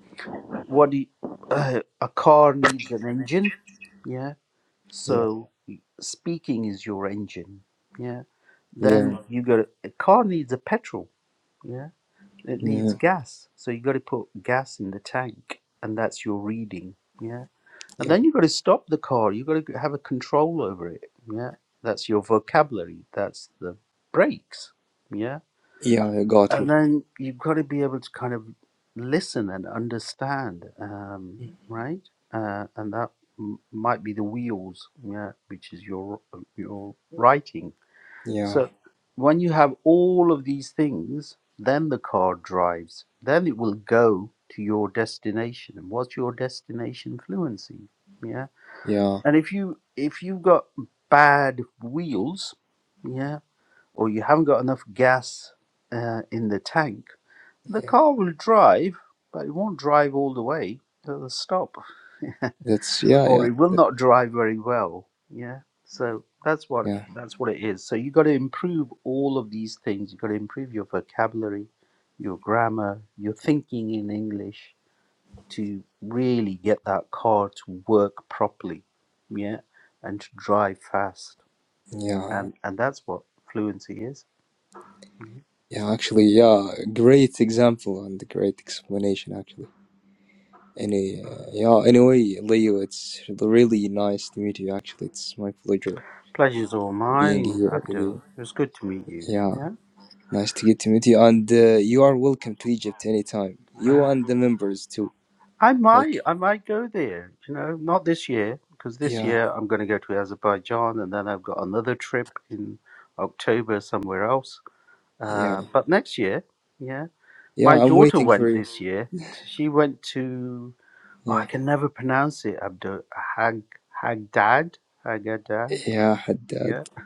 Speaker 1: what do you, uh, a car needs an engine. Yeah,
Speaker 2: Yeah.
Speaker 1: so speaking is your engine. Yeah
Speaker 2: Yeah.
Speaker 1: then you got to, a car needs a petrol, yeah, it needs
Speaker 2: mhm,
Speaker 1: gas, so you got to put gas in the tank, and that's your reading, yeah, and
Speaker 2: Yeah.
Speaker 1: then you got to stop the car, you got to have a control over it, yeah, that's your vocabulary, that's the brakes, yeah,
Speaker 2: Yeah. I got
Speaker 1: and
Speaker 2: you.
Speaker 1: then you've got to be able to kind of listen and understand, um, right, uh, and that m- might be the wheels, yeah, which is your your writing
Speaker 2: Yeah.
Speaker 1: so when you have all of these things, then the car drives. Then it will go to your destination. And what's your destination fluency? Yeah.
Speaker 2: Yeah.
Speaker 1: And if you if you've got bad wheels, yeah, or you haven't got enough gas uh, in the tank, the
Speaker 2: Yeah.
Speaker 1: car will drive, but it won't drive all the way to the stop
Speaker 2: That's, yeah.
Speaker 1: or
Speaker 2: Yeah.
Speaker 1: it will
Speaker 2: That,
Speaker 1: not dry very well. Yeah. So that's what
Speaker 2: yeah.
Speaker 1: that's what it is. So you got to improve all of these things. You got to improve your vocabulary, your grammar, your thinking in English to really get that car to work properly. Yeah, and to drive fast.
Speaker 2: Yeah. Yeah.
Speaker 1: And and that's what fluency is.
Speaker 2: Yeah, Actually, yeah. Great example and great explanation, actually. Any, uh, yeah, anyway, Leo, it's really nice to meet you. Actually, it's my pleasure
Speaker 1: Pleasure's all
Speaker 2: being
Speaker 1: mine,
Speaker 2: here with
Speaker 1: Abdul.
Speaker 2: you.
Speaker 1: It was good to meet you.
Speaker 2: Yeah,
Speaker 1: Yeah.
Speaker 2: nice to get to meet you. And uh, you are welcome to Egypt anytime. You and the members too.
Speaker 1: I might,
Speaker 2: Like,
Speaker 1: I might go there. You know, not this year because this
Speaker 2: yeah,
Speaker 1: year I'm going to go to Azerbaijan, and then I've got another trip in October somewhere else.
Speaker 2: yeah,
Speaker 1: Uh, but next year, yeah,
Speaker 2: yeah,
Speaker 1: my
Speaker 2: I'm
Speaker 1: daughter
Speaker 2: waiting for
Speaker 1: went
Speaker 2: you.
Speaker 1: this year. She went to oh, I
Speaker 2: Yeah,
Speaker 1: can never pronounce it. Abdul Hag Hagdad Hagadad.
Speaker 2: yeah, Haddad.
Speaker 1: Yeah,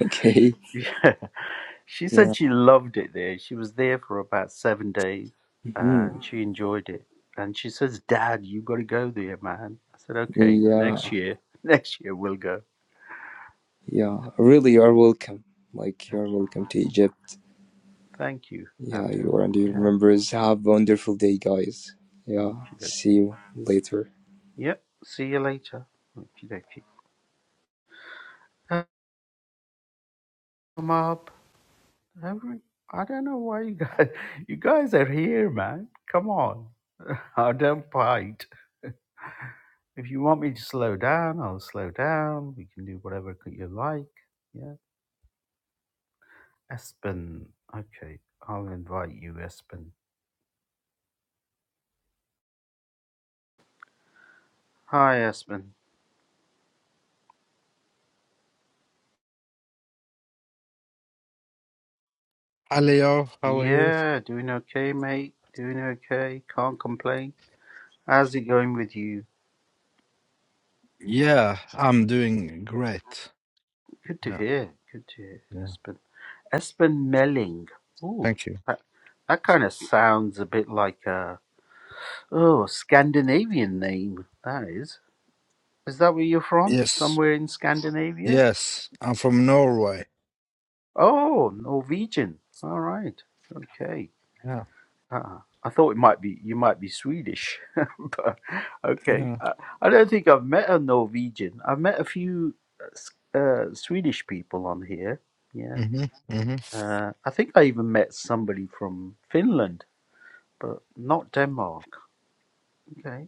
Speaker 2: Okay,
Speaker 1: She
Speaker 2: yeah,
Speaker 1: said she loved it there. She was there for about seven days
Speaker 2: hmm
Speaker 1: and she enjoyed it. And she says, Dad, you got to go there, man. I said, Okay, next
Speaker 2: yeah,
Speaker 1: year. Next year we'll go.
Speaker 2: yeah. Really, you are welcome. Like, you are welcome to Egypt.
Speaker 1: Thank you,
Speaker 2: Yeah,
Speaker 1: Abdul.
Speaker 2: you are. and already
Speaker 1: Yeah.
Speaker 2: remembers. Have a wonderful day, guys. Yeah,
Speaker 1: Okie
Speaker 2: see
Speaker 1: dokie.
Speaker 2: you later.
Speaker 1: Yep. See you later. Okie dokie. Uh, Come up. Every, I don't know why you guys, you guys are here, man. Come on. I don't bite. If you want me to slow down, I'll slow down. We can do whatever you like. Yeah. Espen. Okay, I'll invite you, Espen. Hi, Espen.
Speaker 3: Hi Leo, how are you?
Speaker 1: Yeah, doing okay, mate. Doing okay. Can't complain. How's it going with you?
Speaker 3: Yeah, I'm doing great.
Speaker 1: Good to
Speaker 3: Yeah,
Speaker 1: hear. Good to hear,
Speaker 3: yeah.
Speaker 1: Espen. Espen Melling. Ooh,
Speaker 3: Thank you.
Speaker 1: that, that kind of sounds a bit like a oh Scandinavian name. That is. Is that where you're from?
Speaker 3: Yes,
Speaker 1: Somewhere in Scandinavia?
Speaker 3: yes. I'm from Norway.
Speaker 1: Oh, Norwegian. All right. Okay.
Speaker 3: Yeah,
Speaker 1: Uh-uh. I thought it might be you might be Swedish, but okay.
Speaker 3: yeah.
Speaker 1: I, I don't think I've met a Norwegian. I've met a few uh, S- uh, Swedish people on here. Yeah,
Speaker 3: hmm hmm
Speaker 1: uh, I think I even met somebody from Finland, but not Denmark. Okay,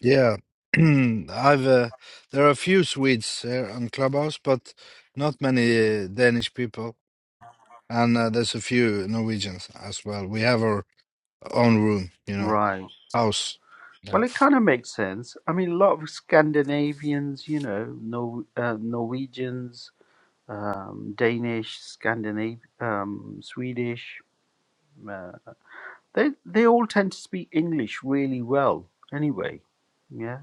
Speaker 3: Yeah. I've uh, there are a few Swedes here on Clubhouse, but not many uh, Danish people, and uh, there's a few Norwegians as well. We have our own room, you know,
Speaker 1: right.
Speaker 3: house. Yeah.
Speaker 1: Well, it kind of makes sense. I mean, a lot of Scandinavians, you know, Nor- uh, Norwegians, um, Danish, Scandinavian, um, Swedish. uh, They they all tend to speak English really well anyway. Yeah.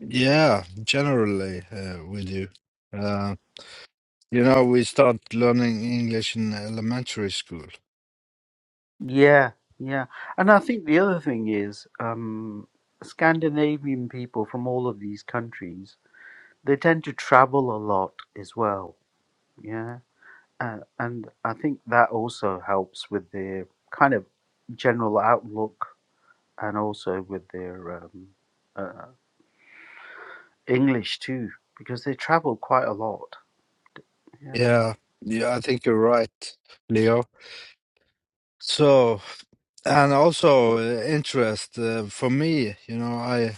Speaker 3: Yeah, generally uh, we do. Uh, You know, we start learning English in elementary school.
Speaker 1: Yeah, yeah. And I think the other thing is um Scandinavian people from all of these countries, they tend to travel a lot as well. Yeah. Uh, and I think that also helps with their kind of general outlook and also with their um, uh, English too, because they travel quite a lot. yeah.
Speaker 3: Yeah, yeah, I think you're right, Leo. So, and also uh, interest uh, for me, you know, I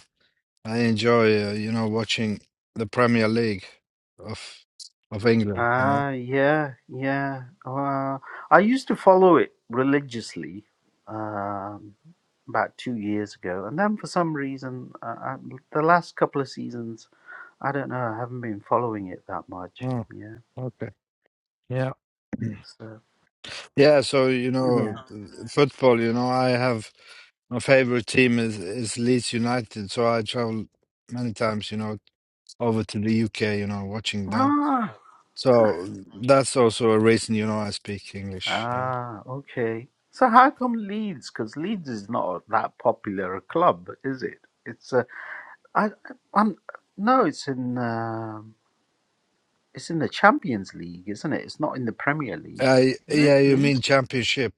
Speaker 3: I enjoy, uh, you know, watching the Premier League of of England, you know.
Speaker 1: Ah, yeah, yeah. Uh, I used to follow it religiously um, about two years ago, and then for some reason, uh, I, the last couple of seasons, I don't know, I haven't been following it that much.
Speaker 3: Oh,
Speaker 1: Yeah.
Speaker 3: okay. Yeah.
Speaker 1: So
Speaker 3: Yeah, so, you
Speaker 1: yeah.
Speaker 3: know, football, you know, I have my favorite team is is Leeds United, so I travel many times, you know, over to the UK, you know, watching them.
Speaker 1: Ah,
Speaker 3: So that's also a reason, you know, I speak English. Yeah.
Speaker 1: ah, okay. So how come Leeds? Because Leeds is not that popular a club, is it? It's uh, I, I'm no, it's in. um It's in the Champions League, isn't it? It's not in the Premier League,
Speaker 3: I
Speaker 1: is it?
Speaker 3: yeah, you
Speaker 1: League
Speaker 3: mean championship.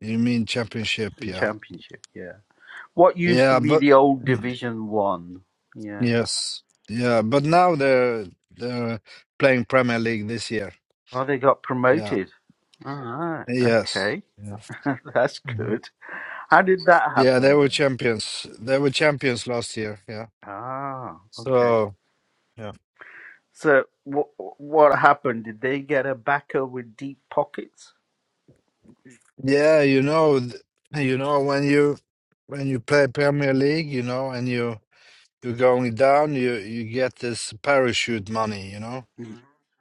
Speaker 3: You mean championship,
Speaker 1: the
Speaker 3: yeah.
Speaker 1: Championship, yeah. What used to
Speaker 3: Yeah,
Speaker 1: be
Speaker 3: but
Speaker 1: the old Division One, yeah.
Speaker 3: yes. Yeah, but now they're they're playing Premier League this year.
Speaker 1: Oh, they got
Speaker 3: Yeah.
Speaker 1: promoted. All right,
Speaker 3: Yes.
Speaker 1: okay,
Speaker 3: Yeah.
Speaker 1: that's
Speaker 3: Mhm.
Speaker 1: good. How did that
Speaker 3: Yeah, they
Speaker 1: happen
Speaker 3: were
Speaker 1: then?
Speaker 3: champions. They were champions last year, yeah.
Speaker 1: Ah, okay.
Speaker 3: So, yeah.
Speaker 1: So what what happened? Did they get a backer with deep pockets?
Speaker 3: Yeah, you know, th- you know when you when you play Premier League, you know, and you You're going down, you you get this parachute money, you know.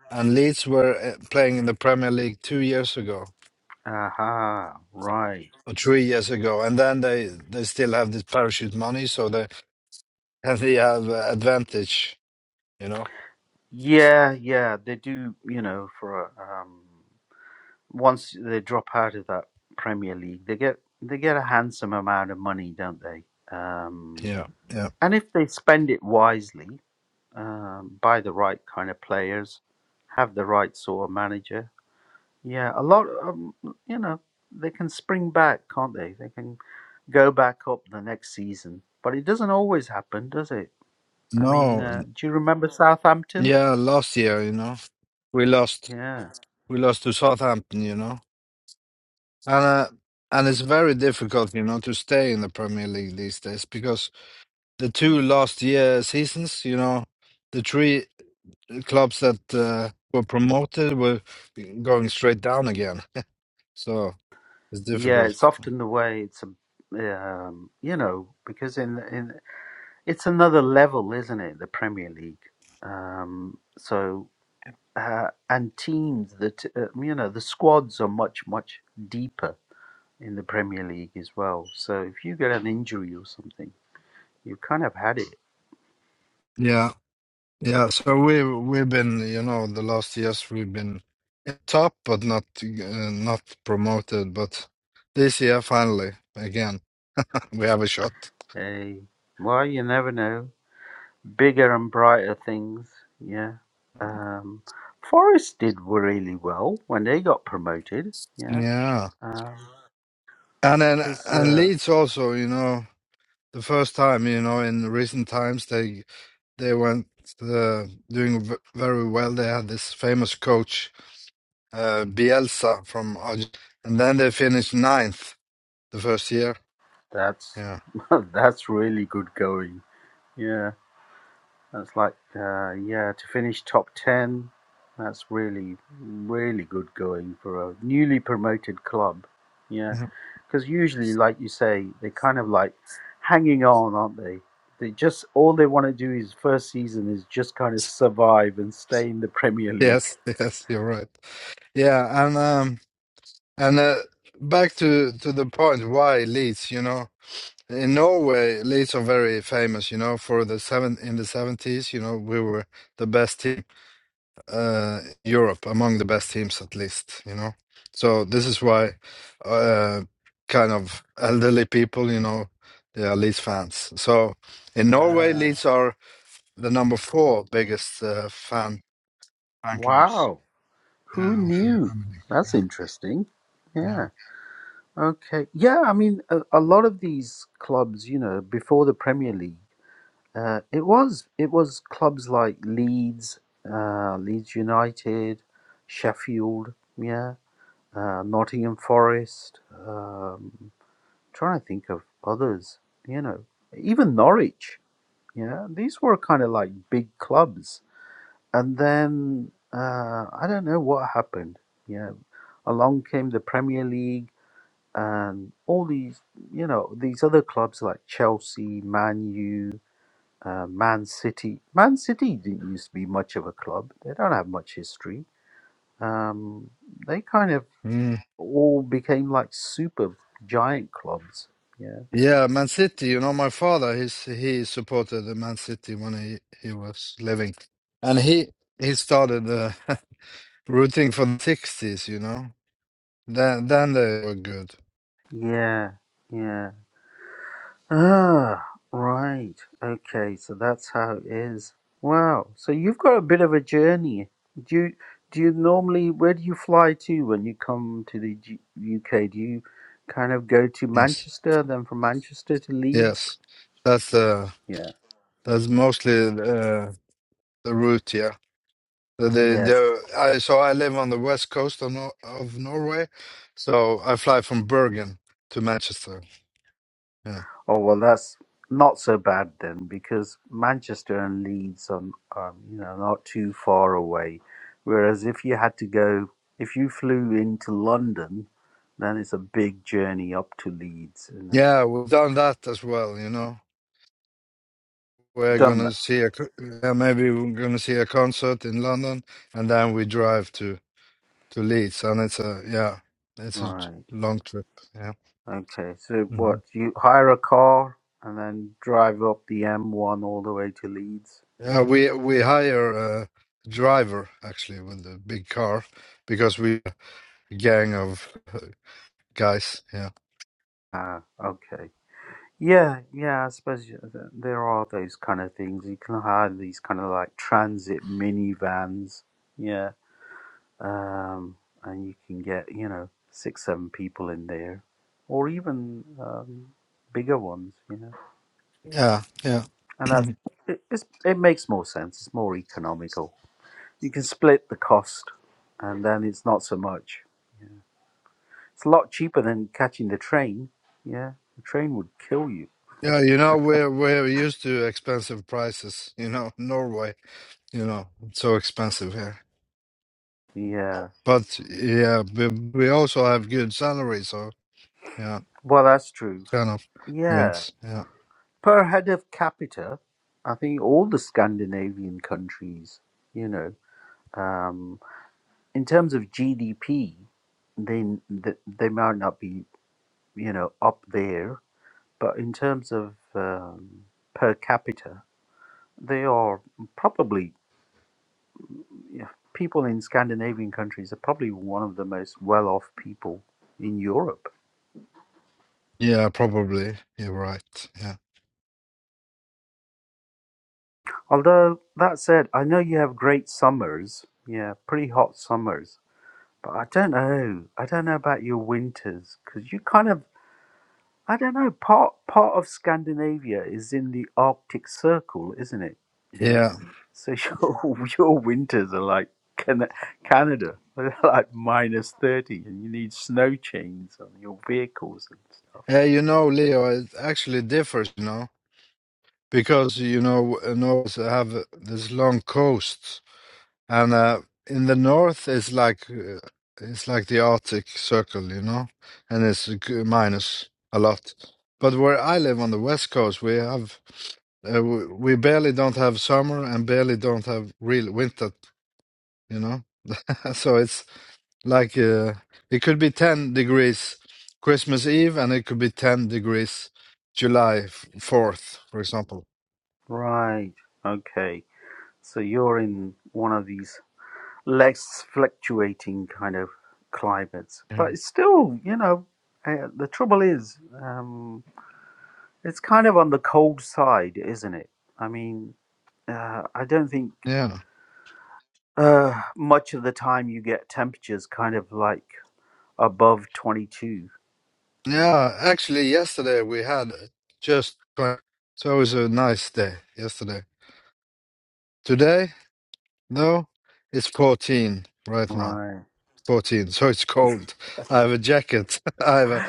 Speaker 3: And Leeds were uh, playing in the Premier League two years ago
Speaker 1: Aha, right.
Speaker 3: or three years ago, and then they they still have this parachute money, so they and they have uh, advantage, you know.
Speaker 1: Yeah, yeah, they do. You know, for a um, once they drop out of that Premier League, they get they get a handsome amount of money, don't they? Um,
Speaker 3: Yeah, yeah.
Speaker 1: and if they spend it wisely, um, buy the right kind of players, have the right sort of manager, yeah, a lot. Um, you know, they can spring back, can't they? They can go back up the next season, but it doesn't always happen, does it? I mean,
Speaker 3: No,
Speaker 1: uh, do you remember Southampton?
Speaker 3: yeah. Last year, you know, we lost
Speaker 1: Yeah,
Speaker 3: we lost to Southampton, you know, and uh, and it's very difficult, you know, to stay in the Premier League these days because the two last year seasons, you know, the three. the clubs that uh, were promoted were going straight down again. So it's
Speaker 1: yeah,
Speaker 3: difficult.
Speaker 1: it's often the way. It's a um, you know, because in in It's another level, isn't it? The Premier League. Um, so uh, and teams that uh, you know the squads are much much deeper in the Premier League as well. So if you get an injury or something, you kind of had it.
Speaker 3: Yeah, yeah. So we we've been, you know, the last years we've been at top, but not uh, not promoted. But this year, finally, again, we have a shot.
Speaker 1: Hey, well, you never know. Bigger and brighter things. Yeah. Um, Forest did really well when they got promoted. Yeah.
Speaker 3: Yeah,
Speaker 1: Because
Speaker 3: and then and
Speaker 1: uh,
Speaker 3: Leeds also, you know, the first time, you know, in recent times they they went uh, doing v- very well. They had this famous coach uh, Bielsa from Argentina. And then they finished ninth the first year.
Speaker 1: that's
Speaker 3: Yeah.
Speaker 1: that's really good going. Yeah. That's like, uh, yeah, to finish top 10, that's really, really good going for a newly promoted club. Yeah.
Speaker 3: yeah.
Speaker 1: Because usually, like you say, they kind of like hanging on, aren't they? They just, all they want to do is first season is just kind of survive and stay in the Premier League.
Speaker 3: Yes, yes, you're right. Yeah, and um, and uh, back to to the point why Leeds, you know, in Norway, Leeds are very famous, you know, for the seven in the 70s, you know, we were the best team uh, Europe among the best teams at least, you know. So this is why, uh, kind of elderly people, you know, they are Leeds fans. So in Norway,
Speaker 1: Uh,
Speaker 3: Leeds are the number four biggest uh, fan fan clubs
Speaker 1: wow. Who
Speaker 3: uh, of the
Speaker 1: knew?
Speaker 3: Premier League.
Speaker 1: That's
Speaker 3: Yeah,
Speaker 1: interesting.
Speaker 3: yeah.
Speaker 1: Yeah. Okay. Yeah. I mean, a, a lot of these clubs, you know, before the Premier League, Uh, it was it was clubs like Leeds, uh, Leeds United, Sheffield, yeah, uh, Nottingham Forest. Um, trying to think of others, you know, even Norwich. Yeah, these were kind of like big clubs. And then uh, I don't know what happened. Yeah, along came the Premier League and all these, you know, these other clubs like Chelsea, Man U, uh, Man City. Man City didn't used to be much of a club. They don't have much history. Um, they kind of
Speaker 3: Mm.
Speaker 1: all became like super giant clubs. Yeah.
Speaker 3: Yeah, Man City. You know, my father, he's he supported the Man City when he he was living, and he he started uh, rooting for the sixties. You know, then then they were good.
Speaker 1: Yeah. Yeah. Ah, right. Okay. So that's how it is. Wow. So you've got a bit of a journey. Do you, do you normally, where do you fly to when you come to the G- UK? Do you kind of go to
Speaker 3: Yes,
Speaker 1: Manchester, then from Manchester to Leeds?
Speaker 3: yes, that's uh,
Speaker 1: Yeah.
Speaker 3: that's mostly uh, the route. Yeah, the, the,
Speaker 1: Yeah.
Speaker 3: the I so I live on the west coast of Nor of Norway, so I fly from Bergen to Manchester. Yeah,
Speaker 1: Oh well, that's not so bad then, because Manchester and Leeds are, um, you know, not too far away. Whereas if you had to go, if you flew into London, then it's a big journey up to Leeds, isn't it?
Speaker 3: yeah, we've done that as well. You know, we're
Speaker 1: You've done
Speaker 3: gonna
Speaker 1: that,
Speaker 3: see a co- yeah, maybe we're gonna see a concert in London, and then we drive to to Leeds, and it's a yeah, it's a
Speaker 1: right?
Speaker 3: long trip. Yeah,
Speaker 1: Okay, so
Speaker 3: Mm-hmm.
Speaker 1: what? You hire a car and then drive up the M1 all the way to Leeds.
Speaker 3: Yeah,
Speaker 1: Yeah.
Speaker 3: we we hire a driver actually with the big car because we a gang of uh, guys. Yeah,
Speaker 1: Ah, okay. Yeah, yeah, I suppose you- th- there are those kind of things. You can hire these kind of like transit minivans, yeah, um, and you can get, you know, six, seven people in there, or even um, bigger ones, you know.
Speaker 3: yeah, yeah,
Speaker 1: And that's it, it's, it makes more sense. It's more economical. You can split the cost, and then it's not so much. It's a lot cheaper than catching the train. Yeah, the train would kill you.
Speaker 3: yeah. You know, we're we're used to expensive prices. You know, Norway. You know, it's so expensive here.
Speaker 1: Yeah,
Speaker 3: But yeah, we, we also have good salaries. So yeah,
Speaker 1: well, that's true.
Speaker 3: kind of.
Speaker 1: Yeah
Speaker 3: Yes. Yeah.
Speaker 1: per head of capita, I think all the Scandinavian countries, you know, um, in terms of GDP, they th- they might not be, you know, up there, but in terms of um, per capita, they are probably yeah, people in Scandinavian countries are probably one of the most well-off people in Europe.
Speaker 3: Yeah. Probably. You're right. Yeah.
Speaker 1: Although that said, I know you have great summers, yeah, pretty hot summers But I don't know. I don't know about your winters because you kind of, I don't know. Part part of Scandinavia is in the Arctic Circle, isn't it? Yeah.
Speaker 3: Yeah.
Speaker 1: So your your winters are like Can- Canada, they're like minus thirty, and you need snow chains on your vehicles and stuff.
Speaker 3: Hey, you know, Leo, it actually differs. You know. because you know north have this long coast and uh, in the north it's like uh, it's like the arctic circle you know and it's g- minus a lot but where i live on the west coast we have uh, we we barely don't have summer and barely don't have real winter you know so it's like uh, it could be 10 degrees christmas eve and it could be 10 degrees july f- 4th for example
Speaker 1: Right. Okay. So you're in one of these less fluctuating kind of climates,
Speaker 3: yeah
Speaker 1: but it's still, you know, uh, the trouble is. Um, It's kind of on the cold side, isn't it? I mean, uh, I don't think
Speaker 3: yeah
Speaker 1: uh, much of the time you get temperatures kind of like above 22.
Speaker 3: Yeah, actually, yesterday we had just 20, so it was a nice day yesterday. Today, no, it's 14 right now.
Speaker 1: Right.
Speaker 3: 14, so it's cold. I have a jacket. I have a,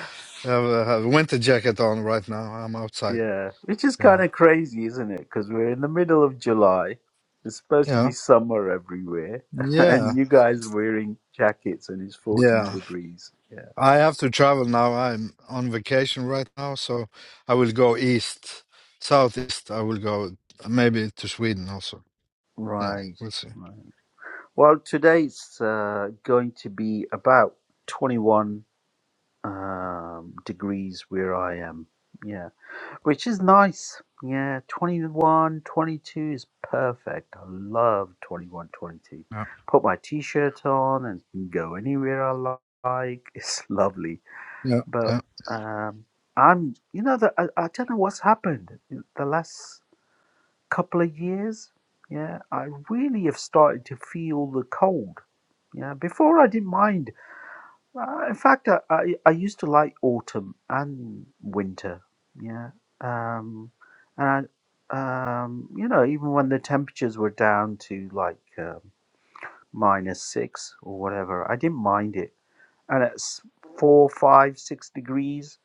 Speaker 3: I have a, have a winter jacket on right now. I'm outside.
Speaker 1: Yeah. Which is kind
Speaker 3: Yeah,
Speaker 1: of crazy, isn't it? Because we're in the middle of July. It's supposed to be
Speaker 3: yeah,
Speaker 1: summer everywhere.
Speaker 3: yeah,
Speaker 1: and you guys are wearing jackets and it's 14
Speaker 3: yeah.
Speaker 1: degrees. Yeah.
Speaker 3: I have to travel now. I'm on vacation right now, so I will go east, southeast. I will go maybe to Sweden also. Yeah,
Speaker 1: Right.
Speaker 3: we'll see.
Speaker 1: Right. Well, today's uh, going to be about 21. um, degrees where I am. Yeah, which is nice. Yeah, 21, 22 is perfect. I love 21, twenty-two.
Speaker 3: Yeah,
Speaker 1: Put my t shirt on and can go anywhere I like. It's lovely. But
Speaker 3: yeah,
Speaker 1: um, I'm, you know, the, I, I don't know what's happened in the last couple of years. Yeah, I really have started to feel the cold. Yeah, before I didn't mind uh, in fact, I, I I used to like autumn and winter. Yeah, um, and I, um, you know, even when the temperatures were down to like um, minus six or whatever, I didn't mind it. And it's four, five, six degrees.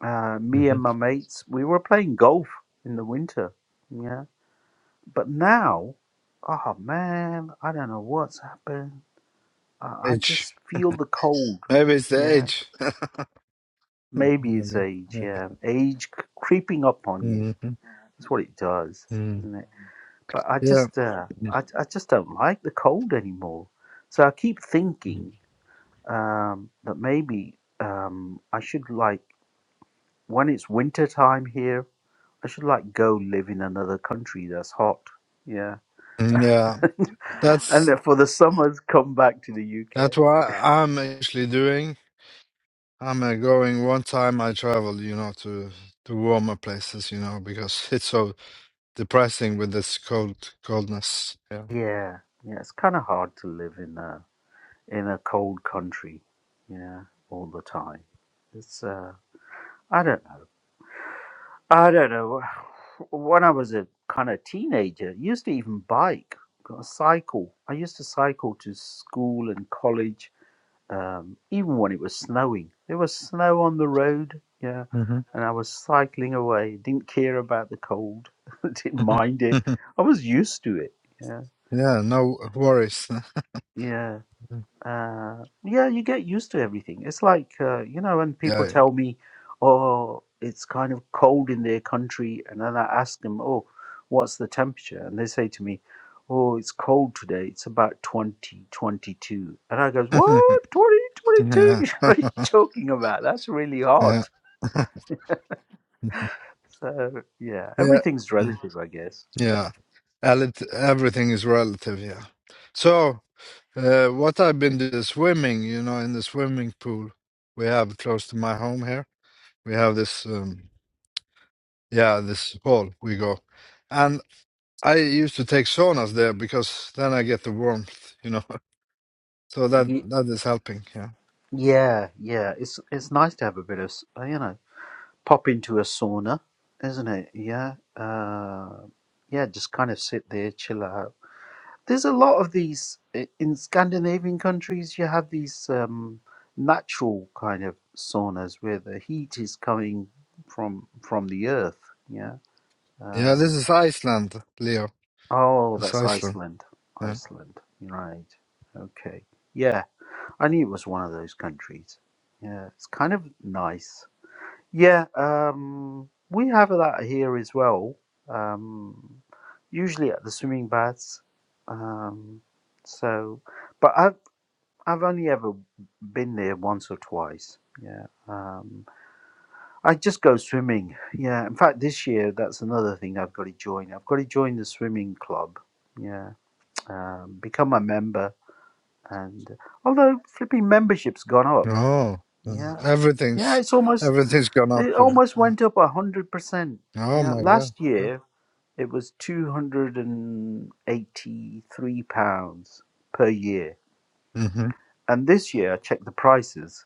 Speaker 1: Uh,
Speaker 3: yeah.
Speaker 1: me and my mates, we were playing golf in the winter. Yeah, but now, oh man, I don't know what's happened. I, I
Speaker 3: Edge.
Speaker 1: just feel the cold.
Speaker 3: Maybe it's the
Speaker 1: yeah.
Speaker 3: edge.
Speaker 1: Maybe it's
Speaker 3: maybe,
Speaker 1: age,
Speaker 3: maybe.
Speaker 1: yeah. Age creeping up on you.
Speaker 3: Mhm.
Speaker 1: That's what it does,
Speaker 3: Mm.
Speaker 1: isn't it? But I
Speaker 3: Yeah,
Speaker 1: just, uh, I, I just don't like the cold anymore. So I keep thinking um, that maybe um, I should like when it's winter time here. I should like go live in another country that's hot. Yeah,
Speaker 3: Mm, yeah.
Speaker 1: and
Speaker 3: That's
Speaker 1: then for the summers, come back to the
Speaker 3: that's
Speaker 1: UK.
Speaker 3: what I'm actually doing. I'm uh, going one time I travel, you know, to to warmer places, you know, because it's so depressing with this cold coldness. Yeah.
Speaker 1: Yeah, yeah. It's kind of hard to live in. a in a cold country, you know, all the time. It's uh, I don't know. I don't know. When I was a kind of teenager, I used to even bike, got a cycle. I used to cycle to school and college, um, even when it was snowing. There was snow on the road, yeah,
Speaker 3: hmm
Speaker 1: and I was cycling away. Didn't care about the cold, didn't mind it.
Speaker 3: yeah.
Speaker 1: I was used to it. Yeah,
Speaker 3: No worries.
Speaker 1: yeah. uh, yeah, you get used to everything. It's like uh, you know when people
Speaker 3: yeah.
Speaker 1: tell me, "Oh, it's kind of cold in their country," and then I ask them, "Oh, what's the temperature?" and they say to me, "Oh, it's cold today. It's about 20, 22." and I goes, "What? 20, twenty-two?
Speaker 3: Yeah.
Speaker 1: What are you talking about? That's really
Speaker 3: yeah.
Speaker 1: hot." So yeah,
Speaker 3: Yeah.
Speaker 1: everything's
Speaker 3: Yeah.
Speaker 1: relative, I guess.
Speaker 3: Yeah. Elit- everything is relative, yeah. So, uh, what I've been doing is swimming, you know, in the swimming pool we have close to my home here. We have this, um, yeah, this hall we go. And I used to take saunas there because then I get the warmth, you know. So that
Speaker 1: Ye-
Speaker 3: that is helping, yeah.
Speaker 1: Yeah, yeah, it's it's nice to have a bit of s- uh, you know pop into a sauna, isn't it? Yeah. Uh, yeah, just kind of sit there, chill out. There's a lot of these i- in Scandinavian countries, you have these um, natural kind of saunas where the heat is coming from from the earth. Yeah.
Speaker 3: Yeah,
Speaker 1: Um,
Speaker 3: this is Iceland, Leo.
Speaker 1: oh,
Speaker 3: It's
Speaker 1: that's
Speaker 3: Iceland,
Speaker 1: Iceland.
Speaker 3: yeah.
Speaker 1: Iceland. Right. Okay. Yeah. I knew it was one of those countries. Yeah. It's kind of nice. Yeah, um, we have that here as well. Um, usually at the swimming baths. Um, so, but I've I've only ever been there once or twice. Yeah. Um, I just go swimming. Yeah. In fact, this year that's another thing I've got to join. I've got to join the swimming club. Yeah. Um, become a member, and although flipping membership's gone up.
Speaker 3: Oh, yeah.
Speaker 1: Yeah. Yeah,
Speaker 3: everything's
Speaker 1: it's almost.
Speaker 3: everything's gone up,
Speaker 1: It
Speaker 3: yeah.
Speaker 1: almost
Speaker 3: yeah.
Speaker 1: went up a hundred percent.
Speaker 3: Oh
Speaker 1: Yeah,
Speaker 3: my God.
Speaker 1: last year it was two hundred and eighty-three pounds per year,
Speaker 3: hmm
Speaker 1: and this year I checked the prices,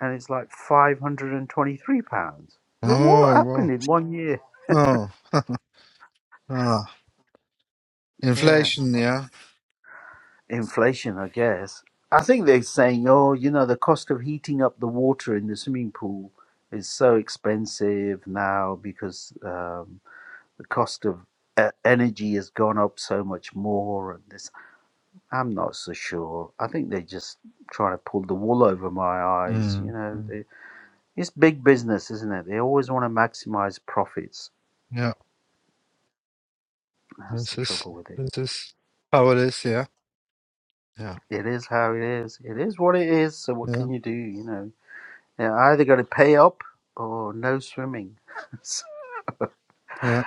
Speaker 1: and it's like five hundred and twenty-three pounds. But what
Speaker 3: Oh, wow.
Speaker 1: happened in one year?
Speaker 3: Oh, ah,
Speaker 1: Yeah,
Speaker 3: inflation, yeah.
Speaker 1: inflation, I guess. I think they're saying, oh, you know, the cost of heating up the water in the swimming pool is so expensive now because um, the cost of uh, energy has gone up so much more and this i'm not so sure i think they're just trying to pull the wool over my eyes you
Speaker 3: Mm.
Speaker 1: know
Speaker 3: mm,
Speaker 1: they, it's big business isn't it they always want to maximize profits
Speaker 3: Yeah,
Speaker 1: that's the
Speaker 3: this is
Speaker 1: trouble with it
Speaker 3: this is how it is, yeah. Yeah,
Speaker 1: it is how it is it is what it is so what
Speaker 3: yeah,
Speaker 1: can you do you know yeah I either got to pay up or no swimming So,
Speaker 3: yeah.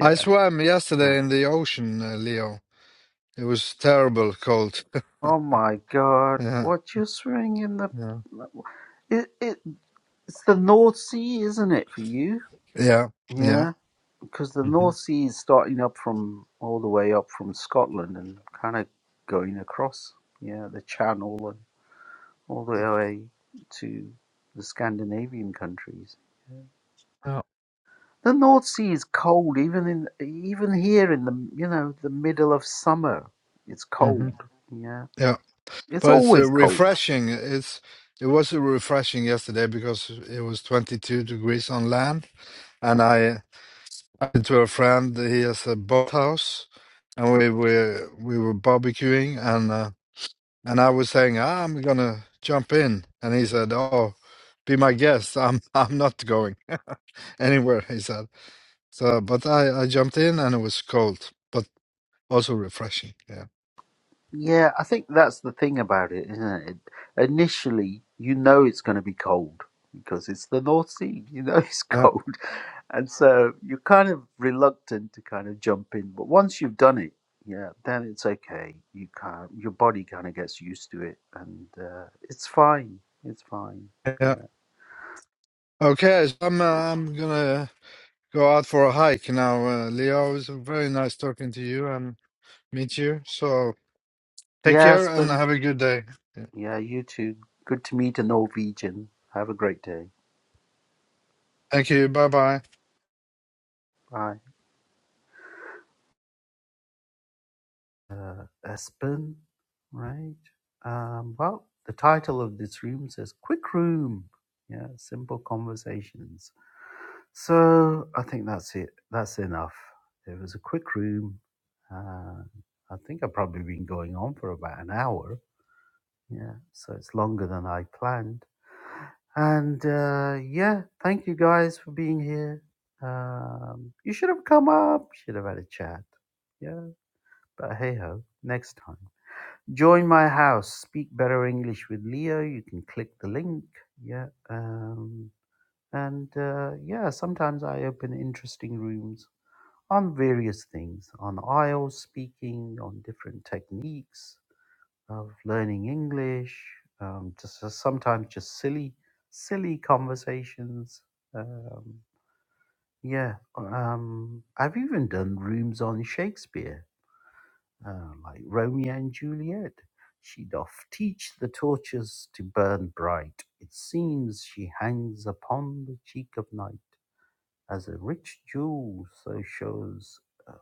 Speaker 3: I swam
Speaker 1: Uh,
Speaker 3: yesterday in the ocean, uh, Leo. It was terrible cold.
Speaker 1: oh my god
Speaker 3: Yeah,
Speaker 1: what you're swimming in the
Speaker 3: yeah,
Speaker 1: it, it, it's the north sea isn't it for you
Speaker 3: yeah, yeah.
Speaker 1: Yeah, because the
Speaker 3: hmm
Speaker 1: North Sea is starting up from all the way up from Scotland and kind of going across, yeah, the Channel and all the way to the Scandinavian countries.
Speaker 3: Yeah.
Speaker 1: The North Sea is cold, even in even here in the you know the middle of summer, it's
Speaker 3: hmm
Speaker 1: cold. Yeah,
Speaker 3: Yeah,
Speaker 1: it's
Speaker 3: but it's uh,
Speaker 1: always cold.
Speaker 3: refreshing. It's it was refreshing yesterday because it was 22 degrees on land, and I to a friend. He has a boathouse, and we were we were barbecuing, and uh, and I was saying, ah, I'm gonna jump in, and he said, oh, be my guest. I'm I'm not going anywhere. He said. So, but I I jumped in, and it was cold, but also refreshing. Yeah,
Speaker 1: Yeah, I think that's the thing about it, isn't it? Initially, you know it's going to be cold because it's the North Sea. You know it's
Speaker 3: yeah,
Speaker 1: cold. and so you're kind of reluctant to kind of jump in but once you've done it yeah then it's okay you can't your body kind of gets used to it and uh, it's fine it's fine
Speaker 3: yeah.
Speaker 1: yeah
Speaker 3: Okay, so I'm uh, I'm gonna go out for a hike now. Uh, Leo, it was very nice talking to you and meet you. So take
Speaker 1: yeah
Speaker 3: care and
Speaker 1: aspen
Speaker 3: have a good day.
Speaker 1: yeah you too good to meet a norwegian have a great day
Speaker 3: Thank you. Bye bye.
Speaker 1: bye uh, aspen right um, well the title of this room says quick room yeah simple conversations So I think that's it. That's enough. It was a quick room. Uh, I think I've probably been going on for about an hour. Yeah, so it's longer than I planned. And uh, yeah, thank you guys for being here. Um, you should have come up, should have had a chat. Yeah, but hey ho, next time. Join my house, speak better English with Leo. You can click the link. Yeah. um, and uh, yeah, sometimes I open interesting rooms on various things on IELTS speaking, on different techniques of learning English, um, just uh, sometimes just silly, silly conversations. Um, yeah, um, I've even done rooms on Shakespeare, uh, like Romeo and Juliet. She doth teach the torches to burn bright. It seems she hangs upon the cheek of night. As a rich jewel so shows a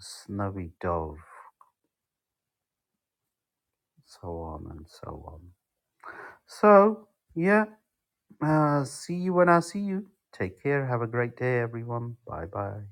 Speaker 1: snowy dove, so on and so on. So, yeah, uh, see you when I see you. Take care. Have a great day, everyone. Bye bye.